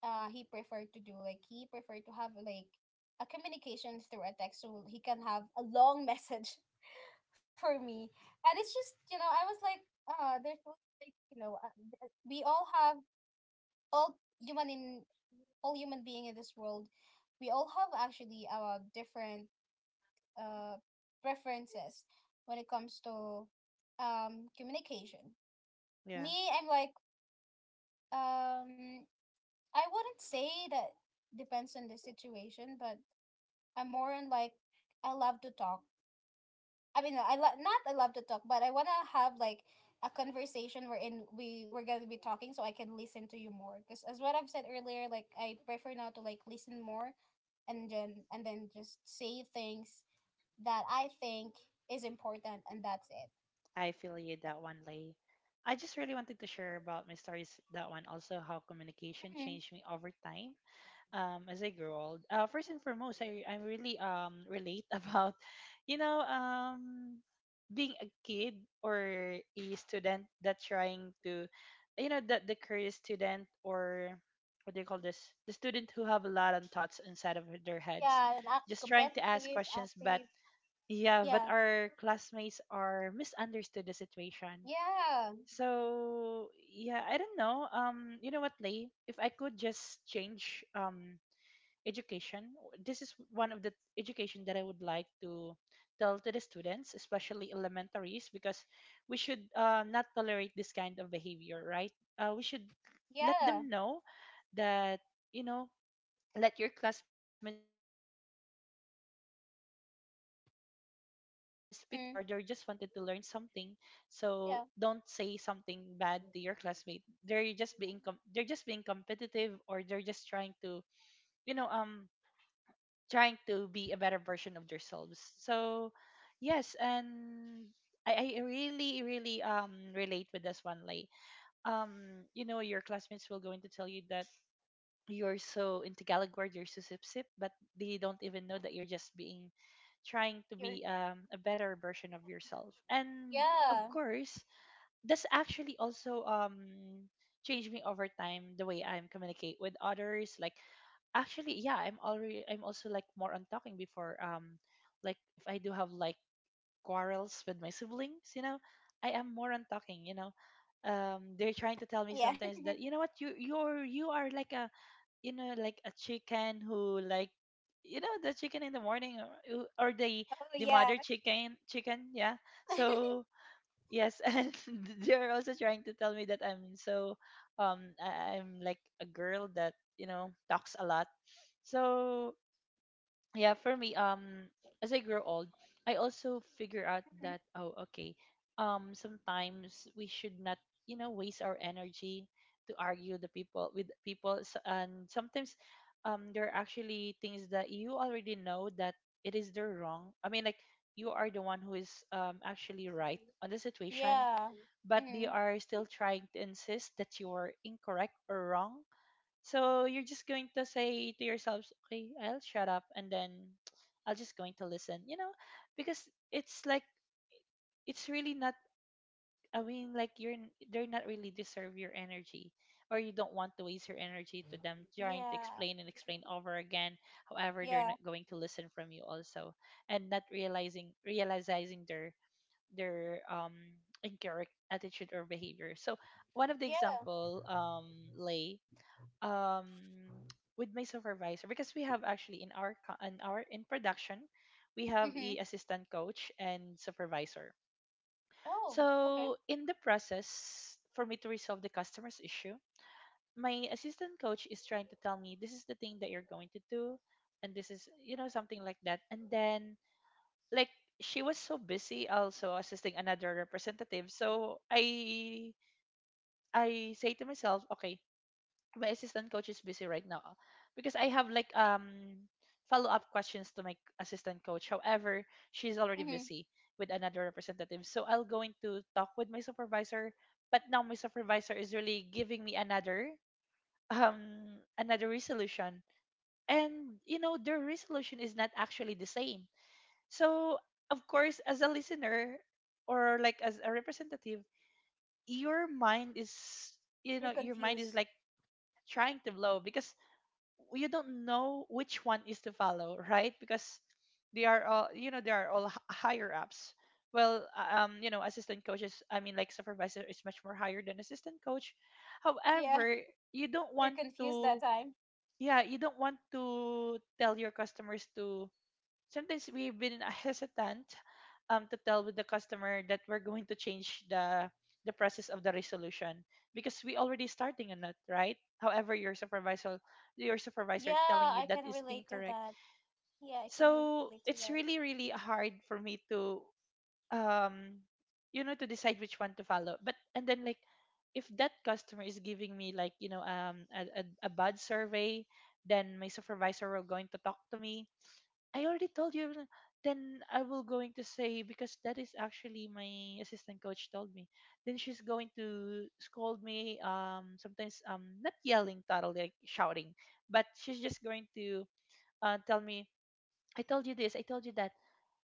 [SPEAKER 1] uh he preferred to do. Like he preferred to have like a communication through a text, so he can have a long message for me. And it's just you know I was like, uh, there's no- like you know uh, th- we all have all human in all human being in this world, we all have actually our different uh preferences when it comes to um communication.
[SPEAKER 2] Yeah.
[SPEAKER 1] Me, I'm like, um I wouldn't say that depends on the situation, but I'm more on like I love to talk. I mean, I lo- not I love to talk, but I wanna have like a conversation wherein we we're gonna be talking, so I can listen to you more. Because as what I've said earlier, like I prefer now to like listen more, and then and then just say things that I think is important, and that's it.
[SPEAKER 2] I feel you that one, Lay. I just really wanted to share about my stories, that one also, how communication
[SPEAKER 1] Hmm.
[SPEAKER 2] changed me over time, um as I grow old. Uh first and foremost, I I really um relate about, you know um being a kid or a student that trying to, you know the the curious student, or what do you call this? The student who have a lot of thoughts inside of their heads,
[SPEAKER 1] Yeah, and act
[SPEAKER 2] just trying to ask
[SPEAKER 1] competitive,
[SPEAKER 2] questions but
[SPEAKER 1] active.
[SPEAKER 2] yeah, but
[SPEAKER 1] Yeah,
[SPEAKER 2] our classmates are misunderstood the situation.
[SPEAKER 1] yeah,
[SPEAKER 2] So yeah, I don't know. Um, you know what, Lay? If I could just change um education, this is one of the education that I would like to tell to the students, especially elementaries, because we should uh, not tolerate this kind of behavior, right? Uh, we should let
[SPEAKER 1] yeah.
[SPEAKER 2] them know that you know let your classmates pick up because they are so curious about the thing, so they're just trying to learn
[SPEAKER 1] Hmm.
[SPEAKER 2] or they're just wanted to learn something. So
[SPEAKER 1] Yeah,
[SPEAKER 2] don't say something bad to your classmate, they're just being com- they're just being competitive or they're just trying to you know um trying to be a better version of themselves. So, yes, and I, I really, really um relate with this one. Like, um, you know, your classmates will going to tell you that you're so into Tagalog word, you're so sip sip, but they don't even know that you're just being trying to
[SPEAKER 1] you're.
[SPEAKER 2] be um a better version of yourself. And of
[SPEAKER 1] Yeah.
[SPEAKER 2] course, that's actually also um changed me over time the way I'm communicate with others. Like actually yeah, i'm already i'm also like more on talking before, um like if I do have like quarrels with my siblings, you know I am more on talking, you know um they're trying to tell me
[SPEAKER 1] Yeah.
[SPEAKER 2] sometimes that you know what, you you're you are like a, you know, like a chicken who, like, you know, the chicken in the morning, or, or the
[SPEAKER 1] Oh,
[SPEAKER 2] the
[SPEAKER 1] yeah.
[SPEAKER 2] mother chicken chicken, yeah. So yes, and they're also trying to tell me that I'm so um I- I'm like a girl that, you know, talks a lot. So, yeah, for me, um as I grow old, I also figure out
[SPEAKER 1] Mhm.
[SPEAKER 2] that, oh, okay. Um sometimes we should not, you know, waste our energy to argue the people with people S- and sometimes um there are actually things that you already know that it is their wrong. I mean, like, you are the one who is um actually right on the situation,
[SPEAKER 1] Yeah.
[SPEAKER 2] but they
[SPEAKER 1] Mm-hmm.
[SPEAKER 2] are still trying to insist that you're incorrect or wrong. So you're just going to say to yourselves, okay, I'll shut up, and then I'll just going to listen, you know, because it's like, it's really not, I mean, like, you're n- they're not really deserve your energy, or you don't want to waste your energy to them trying to
[SPEAKER 1] Yeah.
[SPEAKER 2] explain and explain over again. However, they're
[SPEAKER 1] Yeah.
[SPEAKER 2] not going to listen from you also, and not realizing realizing their their um incorrect attitude or behavior. So one of the
[SPEAKER 1] Yeah.
[SPEAKER 2] example, um, Lay, um with my supervisor, because we have actually in our co- in our in production we have
[SPEAKER 1] Mm-hmm.
[SPEAKER 2] a assistant coach and supervisor.
[SPEAKER 1] Oh, okay.
[SPEAKER 2] So in the process for me to resolve the customer's issue, my assistant coach is trying to tell me this is the thing that you're going to do, and this is, you know, something like that, and then, like, she was so busy also assisting another representative. So I I say to myself, okay, my assistant coach is busy right now because I have like um follow up questions to my assistant coach. However, she's already
[SPEAKER 1] Mm-hmm.
[SPEAKER 2] busy with another representative. So I'll go into talk with my supervisor, but now my supervisor is really giving me another um another resolution. And you know, their resolution is not actually the same. So, of course, as a listener or like as a representative, your mind is, you
[SPEAKER 1] You're
[SPEAKER 2] know, your mind is
[SPEAKER 1] confused.
[SPEAKER 2] like trying to blow because you don't know which one is to follow, right? Because they are all, you know, they are all h- higher ups. Well, uh, um, you know, assistant coaches, I mean, like, supervisor is much more higher than assistant coach.
[SPEAKER 1] Yeah.
[SPEAKER 2] However, you don't
[SPEAKER 1] You're
[SPEAKER 2] want
[SPEAKER 1] confused that
[SPEAKER 2] to,
[SPEAKER 1] time.
[SPEAKER 2] yeah, you don't want to tell your customers to, sometimes we've been hesitant um, to tell with the customer that we're going to change the the process of the resolution because we already starting on it, right? However, your supervisor your
[SPEAKER 1] Yeah,
[SPEAKER 2] supervisor telling you
[SPEAKER 1] I
[SPEAKER 2] that
[SPEAKER 1] can
[SPEAKER 2] is
[SPEAKER 1] relate to
[SPEAKER 2] incorrect.
[SPEAKER 1] that. Yeah, I can relate to
[SPEAKER 2] So
[SPEAKER 1] that.
[SPEAKER 2] it's really really hard for me to um you know to decide which one to follow. But and then like if that customer is giving me like, you know, um a, a, a bad survey, then my supervisor will going to talk to me, "I already told you everything." Then I will going to say because that is actually my assistant coach told me. Then she's going to scold me. Um, sometimes, um, not yelling totally, like shouting, but she's just going to uh, tell me, "I told you this. I told you that,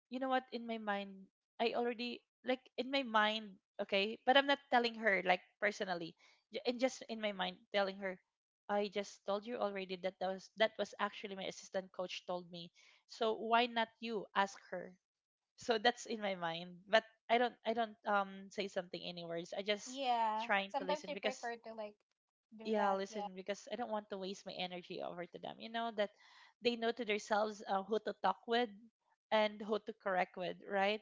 [SPEAKER 2] you know what, in my mind I already, like, in my mind, okay, but I'm not telling her like personally. J- and just in my mind telling her, I just told you already that that was that was actually my assistant coach told me, so why not you ask her. So that's in my mind, but i don't I don't um say something any words, I just
[SPEAKER 1] Yeah.
[SPEAKER 2] trying to
[SPEAKER 1] Sometimes we
[SPEAKER 2] listen because,
[SPEAKER 1] prefer to like do
[SPEAKER 2] yeah,
[SPEAKER 1] that. Yeah.
[SPEAKER 2] listen because I don't want to waste my energy over to them, you know, that they know to themselves uh, who to talk with and who to correct with, right?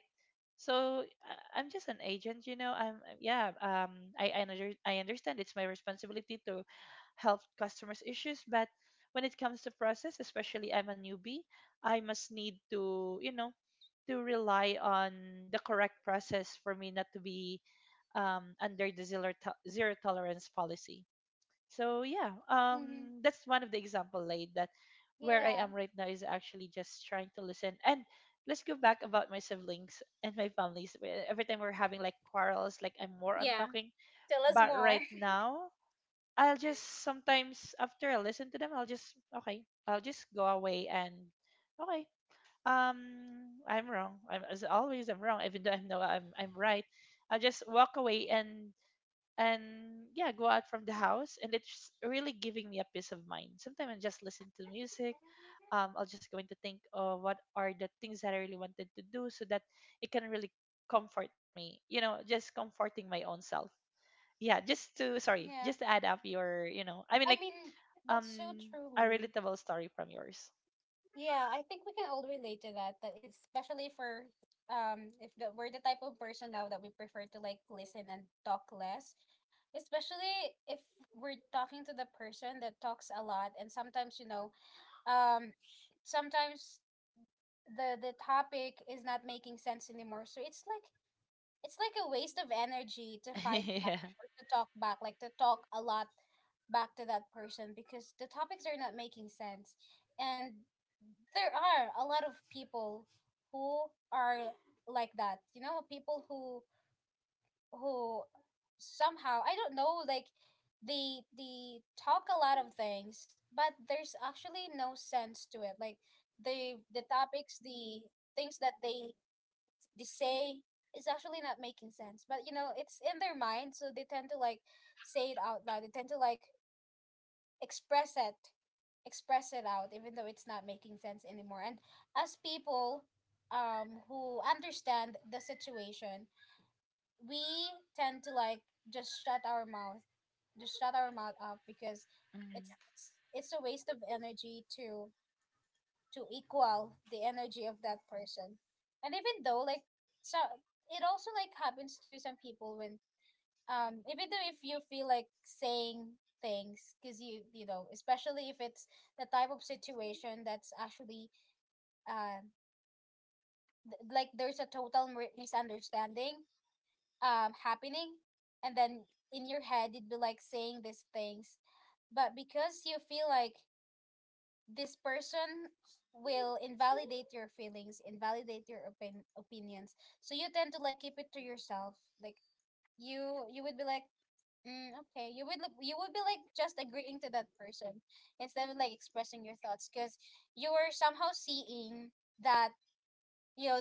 [SPEAKER 2] So I- I'm just an agent, you know. I'm I'm- yeah. Um, I I, under, I understand it's my responsibility to help customers' issues, but when it comes to process, especially I'm a newbie, I must need to, you know, to rely on the correct process for me not to be um, under the zero to- zero tolerance policy. So yeah,
[SPEAKER 1] Mm-hmm.
[SPEAKER 2] um, that's one of the example, laid that where I
[SPEAKER 1] Yeah.
[SPEAKER 2] am right now is actually just trying to listen. And let's go back about my siblings and my families. Where every time we're having like quarrels, like I'm more on
[SPEAKER 1] Yeah.
[SPEAKER 2] talking.
[SPEAKER 1] Tell us
[SPEAKER 2] But
[SPEAKER 1] more.
[SPEAKER 2] right now, I'll just sometimes after I listen to them, I'll just, okay, I'll just go away and, okay, Um, I'm wrong. I'm as always, I'm wrong. Even though I know I'm I'm right, I'll just walk away and and yeah, go out from the house. And it's really giving me a peace of mind. Sometimes I just listen to music. Um, I'll just going to think of what are the things that I really wanted to do, so that it can really comfort me, you know, just comforting my own self. Yeah, just to, sorry,
[SPEAKER 1] Yeah.
[SPEAKER 2] just to add up your, you know, I mean,
[SPEAKER 1] I
[SPEAKER 2] like,
[SPEAKER 1] mean, that's so
[SPEAKER 2] um,
[SPEAKER 1] true,
[SPEAKER 2] a
[SPEAKER 1] me.
[SPEAKER 2] relatable story from yours.
[SPEAKER 1] Yeah, I think we can all relate to that. That is, especially for, um, if the, we're the type of person now that we prefer to like listen and talk less, especially if we're talking to the person that talks a lot, and sometimes you know, um, sometimes the the topic is not making sense anymore. So it's like it's like a waste of energy to fight
[SPEAKER 2] Yeah.
[SPEAKER 1] or to talk back, like to talk a lot back to that person because the topics are not making sense. And there are a lot of people who are like that, you know, people who who somehow I don't know, like they they talk a lot of things but there's actually no sense to it, like the the topics, the things that they they say is actually not making sense, but you know it's in their mind, so they tend to like say it out loud, they tend to like express it express it out even though it's not making sense anymore. And as people um who understand the situation, we tend to like just shut our mouth just shut our mouth up because it's
[SPEAKER 2] Mhm.
[SPEAKER 1] it's, it's a waste of energy to to equal the energy of that person. And even though like so it also like happens to some people when, um even though if you feel like saying things because you you know, especially if it's the type of situation that's actually, uh th- like there's a total mi- misunderstanding um happening, and then in your head you'd be like saying these things, but because you feel like this person will invalidate your feelings, invalidate your opin- opinions, so you tend to like keep it to yourself. Like you you would be like, mm, okay. You would look, you would be like just agreeing to that person instead of like expressing your thoughts, because you were somehow seeing that, you know,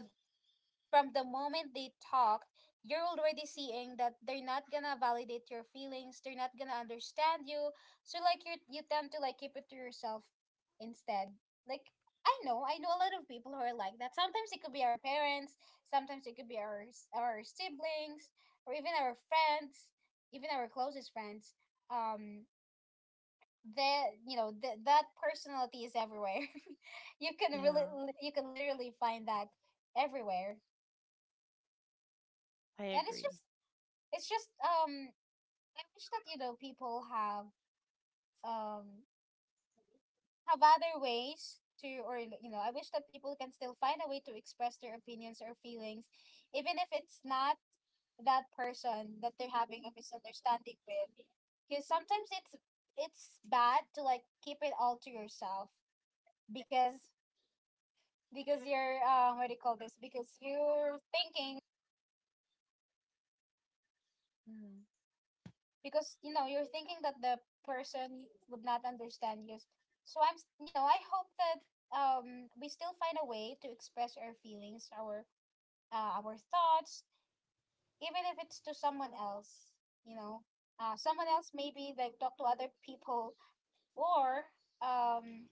[SPEAKER 1] from the moment they talk, you're already seeing that they're not gonna validate your feelings, they're not gonna understand you. So like you you tend to like keep it to yourself instead. Like I know, I know a lot of people who are like that. Sometimes it could be our parents, sometimes it could be our s- our siblings, or even our friends, even our closest friends. Um, that, you know th- that personality is everywhere. You can really,
[SPEAKER 2] Yeah,
[SPEAKER 1] you can literally find that everywhere.
[SPEAKER 2] I
[SPEAKER 1] And it's just,
[SPEAKER 2] agree.
[SPEAKER 1] it's just, um I wish that, you know, people have, um have other ways to, or you know, I wish that people can still find a way to express their opinions or feelings even if it's not that person that they're having a misunderstanding with, because sometimes it's it's bad to like keep it all to yourself, because because you're, uh what do you call this, because you're thinking,
[SPEAKER 2] Mhm.
[SPEAKER 1] because you know you're thinking that the person would not understand you. So i'm s- you know, I hope that, um we still find a way to express our feelings, our, uh, our thoughts, even if it's to someone else, you know, uh, someone else, maybe like talk to other people, or, um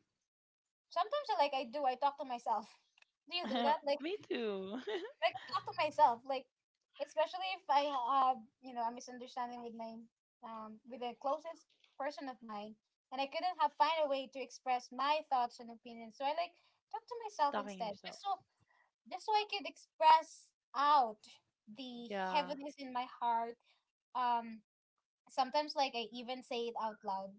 [SPEAKER 1] sometimes I, like i do I talk to myself. Do you do that? like
[SPEAKER 2] Me too.
[SPEAKER 1] like talk to myself, like especially if I have, you know, a misunderstanding with my, um with the closest person of mine, and I couldn't have find a way to express my thoughts and opinions, so I like talk to myself
[SPEAKER 2] Talking
[SPEAKER 1] instead.
[SPEAKER 2] yourself.
[SPEAKER 1] Just so just so I could express out the
[SPEAKER 2] Yeah.
[SPEAKER 1] heaviness in my heart. Um, sometimes like I even say it out loud.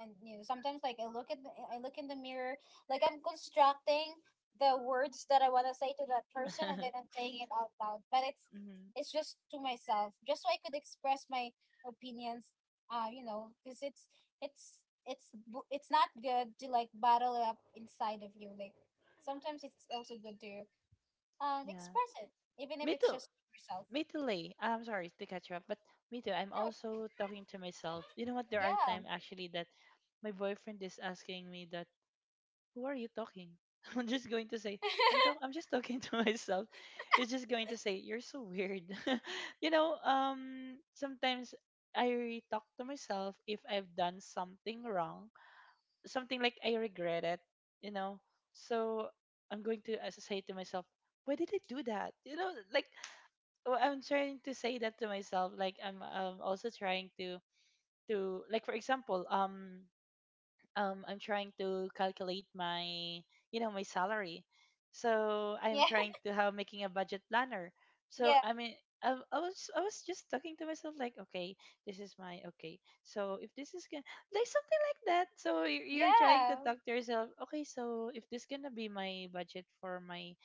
[SPEAKER 1] And new. Sometimes, like I look at the, I look in the mirror, like I'm constructing the words that I want to say to that person, and then I'm saying it out loud. But it's
[SPEAKER 2] Hmm.
[SPEAKER 1] it's just to myself, just so I could express my opinions. Uh, you know, because it's it's it's bu- it's not good to like bottle it up inside of you. Like sometimes it's also good to, um
[SPEAKER 2] Yeah.
[SPEAKER 1] express it, even if
[SPEAKER 2] Me
[SPEAKER 1] it's
[SPEAKER 2] too.
[SPEAKER 1] just to yourself.
[SPEAKER 2] Me too, Lay. I'm sorry to cut you off, but me too. I'm
[SPEAKER 1] No,
[SPEAKER 2] also talking to myself. You know what? There are
[SPEAKER 1] yeah,
[SPEAKER 2] times actually that my boyfriend is asking me that, "Who are you talking?" I'm just going to say, "I'm talk. I'm just talking to myself." He's just going to say, "You're so weird." You know. Um. Sometimes I talk to myself if I've done something wrong, something like I regret it. You know. So I'm going to, as I say to myself, why did I do that? You know, like, well, I'm trying to say that to myself. Like, I'm um also trying to to like, for example, um um I'm trying to calculate my, you know, my salary. So I'm
[SPEAKER 1] yeah,
[SPEAKER 2] trying to have making a budget planner. So
[SPEAKER 1] yeah,
[SPEAKER 2] I mean, I, I was I was just talking to myself, like, okay, this is my, okay, so if this is gonna, like, something like that, so you're, you're trying to
[SPEAKER 1] yeah,
[SPEAKER 2] talk to yourself, okay, so if this gonna be my budget for my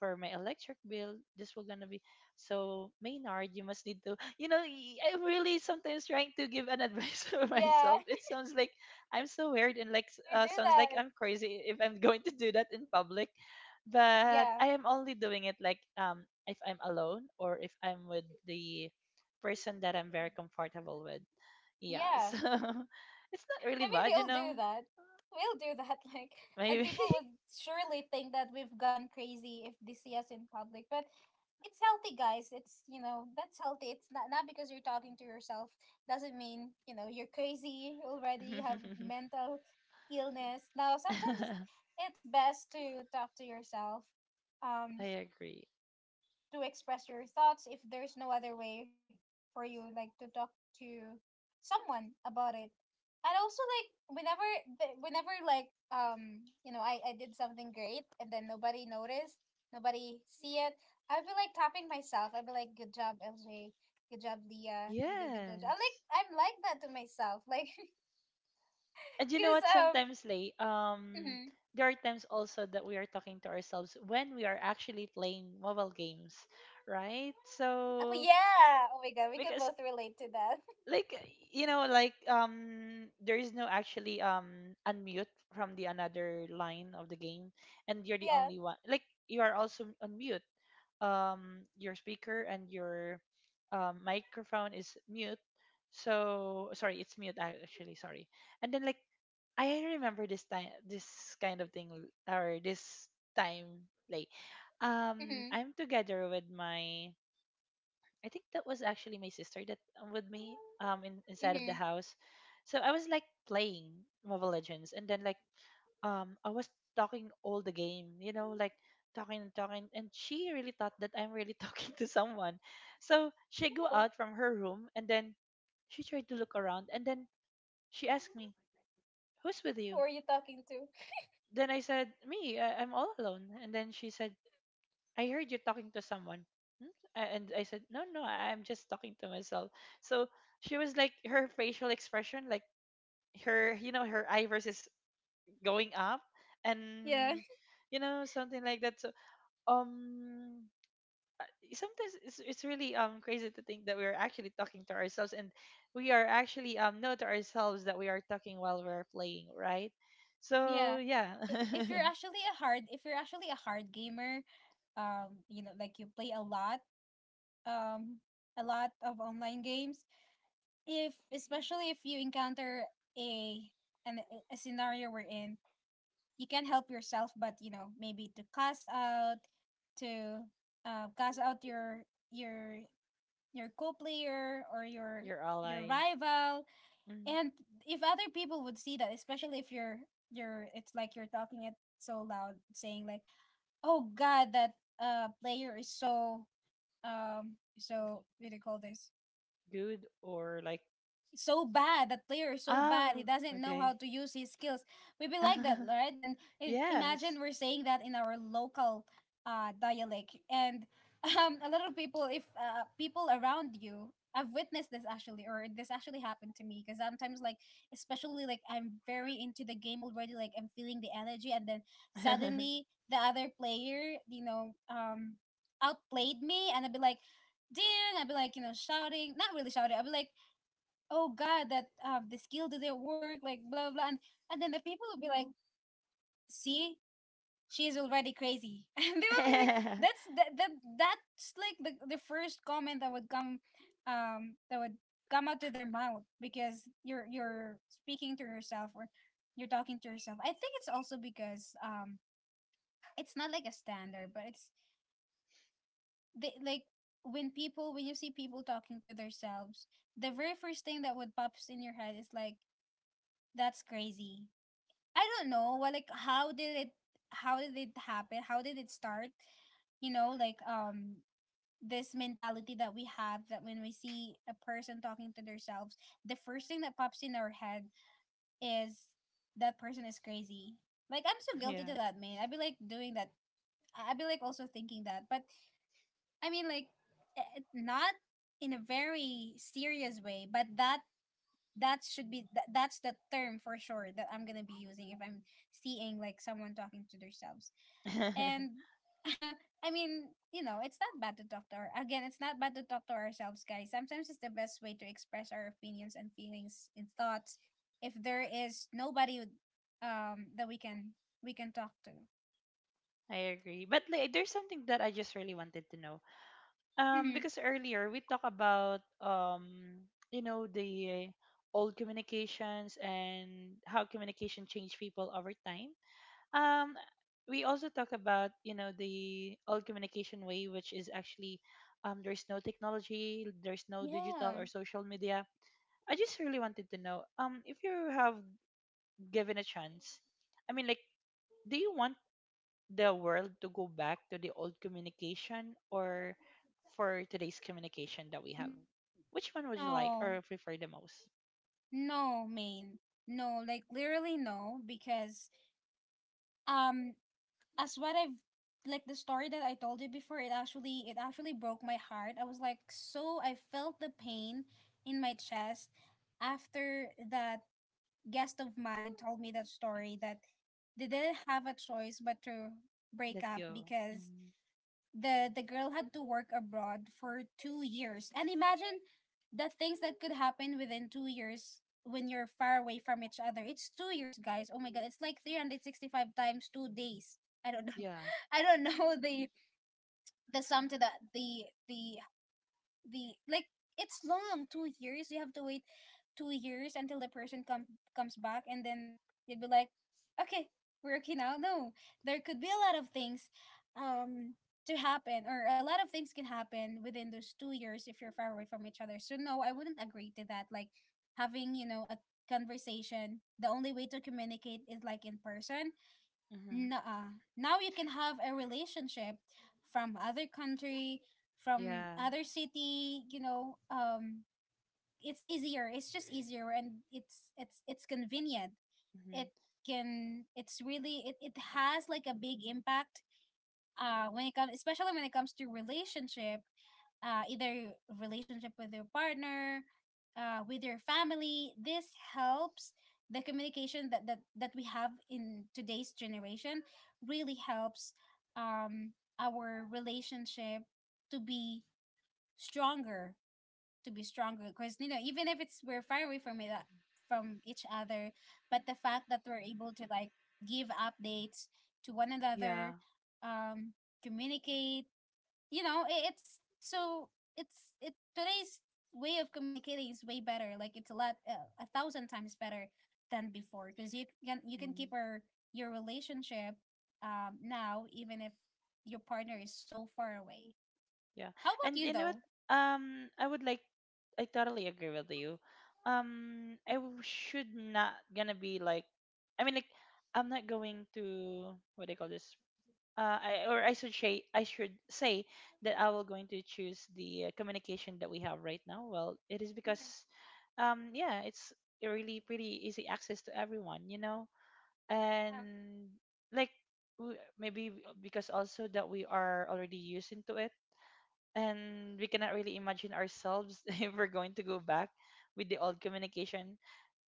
[SPEAKER 2] for my electric bill. This will gonna be, so Maynard, you must need to, you know, y- I'm really sometimes trying to give an advice for
[SPEAKER 1] yeah.
[SPEAKER 2] myself. It sounds like I'm so weird, and like s-
[SPEAKER 1] We
[SPEAKER 2] uh,
[SPEAKER 1] do
[SPEAKER 2] sounds like
[SPEAKER 1] that.
[SPEAKER 2] I'm crazy if I'm going to do that in public. But
[SPEAKER 1] Yeah.
[SPEAKER 2] I am only doing it like um if I'm alone, or if I'm with the person that I'm very comfortable with. Yeah,
[SPEAKER 1] Yeah.
[SPEAKER 2] so it's not really
[SPEAKER 1] I mean, we
[SPEAKER 2] bad, you
[SPEAKER 1] all do
[SPEAKER 2] know.
[SPEAKER 1] that. We'll do that. Like, and
[SPEAKER 2] Maybe.
[SPEAKER 1] people would surely think that we've gone crazy if they see us in public. But it's healthy, guys. It's, you know, that's healthy. It's not, not because you're talking to yourself doesn't mean, you know, you're crazy already. You have mental illness. No, sometimes it's, it's best to talk to yourself.
[SPEAKER 2] I
[SPEAKER 1] Um,
[SPEAKER 2] agree.
[SPEAKER 1] to express your thoughts if there's no other way for you like to talk to someone about it. And also like whenever the- whenever like, um you know, I, I did something great and then nobody noticed, nobody see it, I'd be like tapping myself, I'd be like, good job, LJ, good job, Leah, you did a good job. I'm like,
[SPEAKER 2] Yes.
[SPEAKER 1] I'm like that to myself, like
[SPEAKER 2] And you know
[SPEAKER 1] because,
[SPEAKER 2] what?
[SPEAKER 1] um
[SPEAKER 2] Sometimes, Lay, um,
[SPEAKER 1] mhm.
[SPEAKER 2] there are times also that we are talking to ourselves when we are actually playing mobile games, right?
[SPEAKER 1] Oh,
[SPEAKER 2] So
[SPEAKER 1] yeah, oh my god, we can
[SPEAKER 2] because,
[SPEAKER 1] both relate to that.
[SPEAKER 2] like, you know, like um, there is no actually um unmute from the another line of the game, and you're the
[SPEAKER 1] Yeah.
[SPEAKER 2] only one. Like, you are also on mute. Um, your speaker and your um, microphone is mute. So sorry, it's mute ac- actually. Sorry. And then like I remember this time, this kind of thing, or this time, like, um,
[SPEAKER 1] Mm-hmm.
[SPEAKER 2] I'm together with my, I think that was actually my sister that uh, with me, um, in, inside of the
[SPEAKER 1] Mm-hmm.
[SPEAKER 2] house. So I was like playing Mobile Legends, and then like, um, I was talking all the game, you know, like talking and talking, and she really thought that I'm really talking to someone. So she go out from her room, and then she tried to look around, and then she asked me, "Who's with you?"
[SPEAKER 1] Who are you talking to?
[SPEAKER 2] Then I said, "Me, I, I'm all alone." And then she said, "I heard you talking to someone." "Hmm?" A- And I said, "No, no, I- I'm just talking to myself." So she was like, her facial expression, like her, you know, her eyebrows is going up, and
[SPEAKER 1] Yeah.
[SPEAKER 2] you know, something like that. So um, sometimes it's it's really um crazy to think that we are actually talking to ourselves, and we are actually um know to ourselves that we are talking while we're playing, right? So
[SPEAKER 1] Yeah.
[SPEAKER 2] yeah,
[SPEAKER 1] I- If you're actually a hard, if you're actually a hard gamer, um, you know, like you play a lot, um, a lot of online games, if especially if you encounter a an a scenario we're in, you can't help yourself but, you know, maybe to cast out to, uh cast out your your your co-player, or your
[SPEAKER 2] your
[SPEAKER 1] your
[SPEAKER 2] ally.
[SPEAKER 1] rival. And if other people would see that, especially if you're you're, it's like you're talking it so loud, saying like, oh god, that, uh player is so, um so what do you call this,
[SPEAKER 2] Good or like.
[SPEAKER 1] so bad. That player is so bad. He
[SPEAKER 2] Oh,
[SPEAKER 1] doesn't know
[SPEAKER 2] okay.
[SPEAKER 1] how to use his skills. We be like that, right? And i-
[SPEAKER 2] Yes.
[SPEAKER 1] imagine we're saying that in our local, uh, dialect. And um, a lot of people, if uh, people around you, I've witnessed this actually, or this actually happened to me. Because sometimes, like, especially like I'm very into the game already, like I'm feeling the energy, and then suddenly the other player, you know, um, outplayed me, and I'd be like, "Ding!" I'd be like, you know, shouting. Not really shouting. I'd be like, oh god, that, uh, the skill didn't work, like, blah blah. and, and then the people would be like, see, she's already crazy. And they would be like, that's that, that that's like the, the first comment that would come, um that would come out of their mouth. Because you're you're speaking to yourself, or you're talking to yourself. I think it's also because, um it's not like a standard, but it's they like, when people, when you see people talking to themselves, the very first thing that would pops in your head is like, that's crazy. I don't know. Well, like how did it how did it happen? How did it start? You know, like, um this mentality that we have that when we see a person talking to themselves, the first thing that pops in our head is that person is crazy. Like I'm so guilty
[SPEAKER 2] Yeah.
[SPEAKER 1] to that, man. I'd be like doing that. I- I'd be like also thinking that. But I mean, like, eh, eh, not in a very serious way, but that that should be th- that's the term for sure that I'm gonna be using if I'm seeing, like, someone talking to themselves and I mean, you know it's not bad to talk to our again it's not bad to talk to ourselves, guys. Sometimes it's the best way to express our opinions and feelings and thoughts if there is nobody um that we can we can talk to.
[SPEAKER 2] I agree. But like, there's something that I just really wanted to know, um
[SPEAKER 1] Mm-hmm.
[SPEAKER 2] because earlier we talked about um you know, the old communications and how communication changed people over time. um we also talk about, you know, the old communication way, which is actually, um, there's no technology, there's no digital
[SPEAKER 1] Yeah.
[SPEAKER 2] or social media. I just really wanted to know, um, if you have given a chance, I mean, like, do you want the world to go back to the old communication or for today's communication that we have?
[SPEAKER 1] N-
[SPEAKER 2] Which one would you like
[SPEAKER 1] no,
[SPEAKER 2] or prefer the most?
[SPEAKER 1] no, main no, like, literally no, because um as what I've like the story that I told you before, it actually it actually broke my heart. I was like, so I felt the pain in my chest after that guest of mine told me that story that they didn't have a choice but to break
[SPEAKER 2] Let
[SPEAKER 1] up
[SPEAKER 2] go.
[SPEAKER 1] because
[SPEAKER 2] Hmm.
[SPEAKER 1] the the girl had to work abroad for two years. And imagine the things that could happen within two years when you're far away from each other. It's two years, guys. Oh my God, it's like three hundred sixty-five times two days. I don't know.
[SPEAKER 2] Yeah.
[SPEAKER 1] I don't know. the the sum to that the the the Like, it's long, two years you have to wait. Two years until the person come comes back, and then you'd be like, okay, we're okay now. No, there could be a lot of things um to happen, or a lot of things can happen within those two years if you're far away from each other. So no, I wouldn't agree to that, like, having you know a conversation, the only way to communicate is like in person.
[SPEAKER 2] Hmm.
[SPEAKER 1] Nuh-uh. Now you can have a relationship from other country, from
[SPEAKER 2] Yeah.
[SPEAKER 1] other city, you know, um it's easier. It's just easier, and it's it's it's convenient.
[SPEAKER 2] Hmm.
[SPEAKER 1] It can it's really it, it has, like, a big impact uh when it comes, especially when it comes to relationship, uh, either relationship with your partner, uh, with your family. This helps the communication that, that, that we have in today's generation, really helps, um, our relationship to be stronger, to be stronger. Because, you know, even if it's we're far away from it, uh, from each other, but the fact that we're able to, like, give updates to one
[SPEAKER 2] Yeah.
[SPEAKER 1] another, um, communicate, you know it, it's so it's it today's way of communicating is way better. Like, it's a lot uh, a thousand times better than before, because you can you can keep
[SPEAKER 2] Mm-hmm.
[SPEAKER 1] your your relationship um now, even if your partner is so far away.
[SPEAKER 2] Yeah.
[SPEAKER 1] How about
[SPEAKER 2] And
[SPEAKER 1] you
[SPEAKER 2] you know
[SPEAKER 1] though?
[SPEAKER 2] what? Um, I would like I totally agree with you. Um, I w- should not gonna be like I mean like I'm not going to, what do you call this? Uh, I or I should say I should say that I will going to choose the uh, communication that we have right now. Well, it is because
[SPEAKER 1] Mhm.
[SPEAKER 2] um yeah, it's a really pretty easy access to everyone, you know?
[SPEAKER 1] Yeah.
[SPEAKER 2] And like w- maybe because also that we are already used into it and we cannot really imagine ourselves if we're going to go back with the old communication.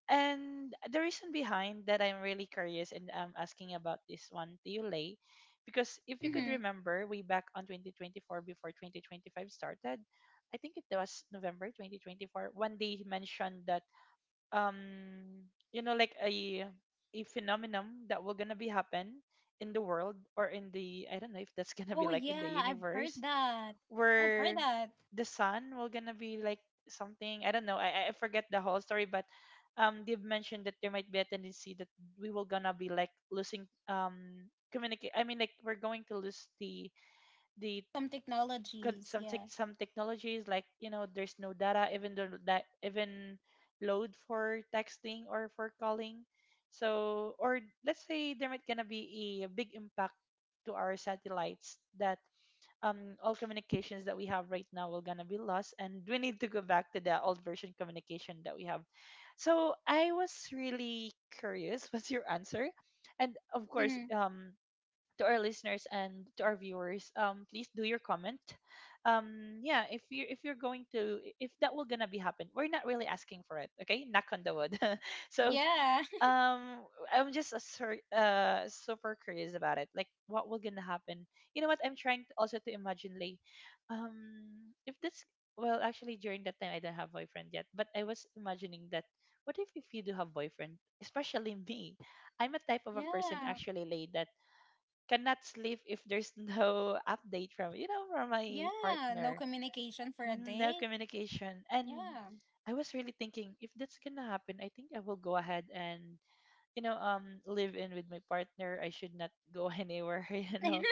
[SPEAKER 2] And the reason behind that I'm really curious and I'm asking about this one to you, Lay, because if you could
[SPEAKER 1] Mm-hmm.
[SPEAKER 2] remember way back on twenty twenty-four before twenty twenty-five started, I think it was November twenty twenty-four, when they mentioned that, um, you know, like a a phenomenon that will gonna be happen in the world or in the I don't know if that's gonna be
[SPEAKER 1] Oh
[SPEAKER 2] like in the
[SPEAKER 1] yeah, I've heard
[SPEAKER 2] universe
[SPEAKER 1] that. I've heard
[SPEAKER 2] where
[SPEAKER 1] that.
[SPEAKER 2] the son will gonna be like something. I don't know, I I forget the whole story. But um they've mentioned that there might be a tendency that we will gonna be like losing um communicate. I mean, like we're going to lose the the
[SPEAKER 1] Some
[SPEAKER 2] con-
[SPEAKER 1] technologies,
[SPEAKER 2] some tech
[SPEAKER 1] yeah.
[SPEAKER 2] some technologies. Like, you know, there's no data even though that even load for texting or for calling. So, or let's say, there might gonna be a big impact to our satellites that um all communications that we have right now will gonna be lost, and we need to go back to the old version communication that we have. So I was really curious what's your answer. And of course,
[SPEAKER 1] Mm-hmm.
[SPEAKER 2] um to our listeners and to our viewers, um please do your comment. um yeah, if you, if you're going to, if that will gonna be happen, we're not really asking for it, okay? Knock on the wood. So
[SPEAKER 1] Yeah.
[SPEAKER 2] um I'm just a sur- uh super curious about it, like what will gonna happen. You know what, I'm trying to also to imagine like, um if this, well actually during that time I don't have boyfriend yet, but I was imagining that what if if you do have boyfriend, especially me. I'm a type of a person
[SPEAKER 1] Yeah,
[SPEAKER 2] actually like that cannot sleep if there's no update from, you know, from my
[SPEAKER 1] yeah, no
[SPEAKER 2] partner.
[SPEAKER 1] communication for a
[SPEAKER 2] Mm, no
[SPEAKER 1] day.
[SPEAKER 2] communication. And
[SPEAKER 1] Yeah.
[SPEAKER 2] I was really thinking, if that's gonna happen, I think I will go ahead and, you know, um live in with my partner. I should not go anywhere, you know.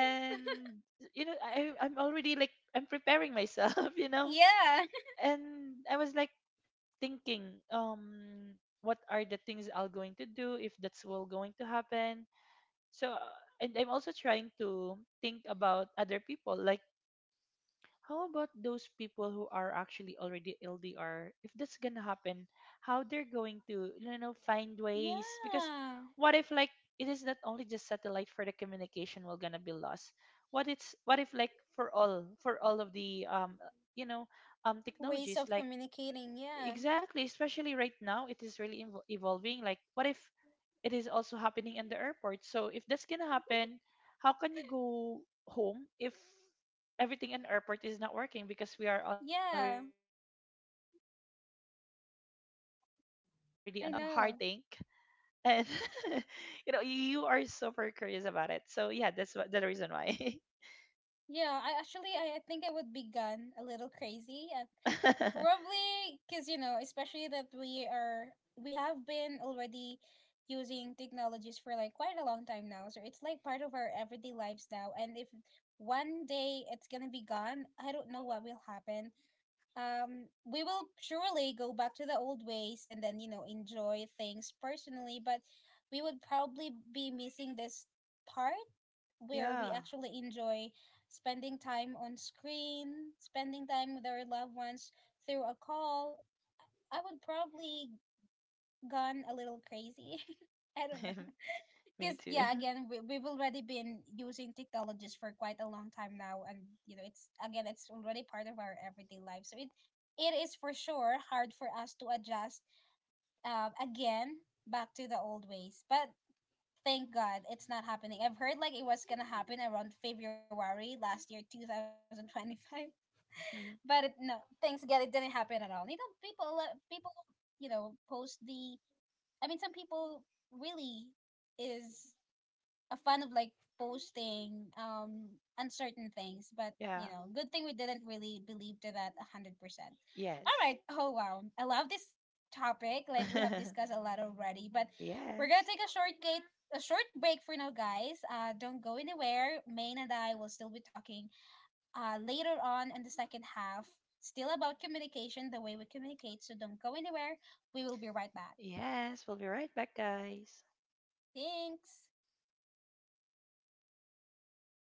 [SPEAKER 2] you know I, I'm already like I'm preparing myself you know.
[SPEAKER 1] Yeah.
[SPEAKER 2] And I was like thinking, um what are the things I'll going to do if that's all going to happen. So uh, and I'm also trying to think about other people, like how about those people who are actually already L D R? If that's gonna happen, how they're going to, you know, find ways? Because
[SPEAKER 1] Yeah.
[SPEAKER 2] what if, like, it is not only just satellite for the communication will gonna be lost? What it's, what if, like, for all for all of the um you know um
[SPEAKER 1] Ways
[SPEAKER 2] technologies,
[SPEAKER 1] of
[SPEAKER 2] like
[SPEAKER 1] communicating. Yeah.
[SPEAKER 2] exactly, especially right now it is really invo- evolving. Like what if it is also happening in the airport? So if that's gonna happen, how can you go home if everything in airport is not working because we are already on new
[SPEAKER 1] Yeah.
[SPEAKER 2] technologies, right? So it's really, really um hard
[SPEAKER 1] I
[SPEAKER 2] to think.
[SPEAKER 1] know.
[SPEAKER 2] And you know, you are super curious about it. So yeah, that's what the reason why.
[SPEAKER 1] Yeah. I actually, I, I think I would be gone a little crazy. Uh, probably because, you know, especially that we are, we have been already using technologies for, like, quite a long time now. So it's like part of our everyday lives now. And if one day it's going to be gone, I don't know what will happen. Um we will surely go back to the old ways, and then, you know, enjoy things personally, but we would probably be missing this part where we
[SPEAKER 2] Yeah.
[SPEAKER 1] actually enjoy spending time on screen, spending time with our loved ones through a call. I would probably gone a little crazy. I don't know.
[SPEAKER 2] Me
[SPEAKER 1] Because
[SPEAKER 2] too.
[SPEAKER 1] yeah, again, we, we've already been using technologies for quite a long time now, and, you know, it's, again, it's already part of our everyday life. So it it is for sure hard for us to adjust, um, again, back to the old ways. But thank God it's not happening. I've heard like it was gonna happen around February last year, two thousand twenty five. But it, no, thanks God it didn't happen at all. You know, people uh, people you know post the I mean, some people really is a fan of, like, posting um uncertain things, but,
[SPEAKER 2] Yeah.
[SPEAKER 1] you know, good thing we didn't really believe to that a hundred percent. All
[SPEAKER 2] Yes.
[SPEAKER 1] right. Oh wow, I love this topic. Like, we have discussed a lot already, but we're
[SPEAKER 2] Yes.
[SPEAKER 1] gonna take a short gate. a short break for now, guys. Uh, don't go anywhere. Maine and I will still be talking, uh, later on in the second half, still about communication, the way we communicate. So don't go anywhere. We will be right back.
[SPEAKER 2] Yes. We'll be right back, guys.
[SPEAKER 1] Thanks.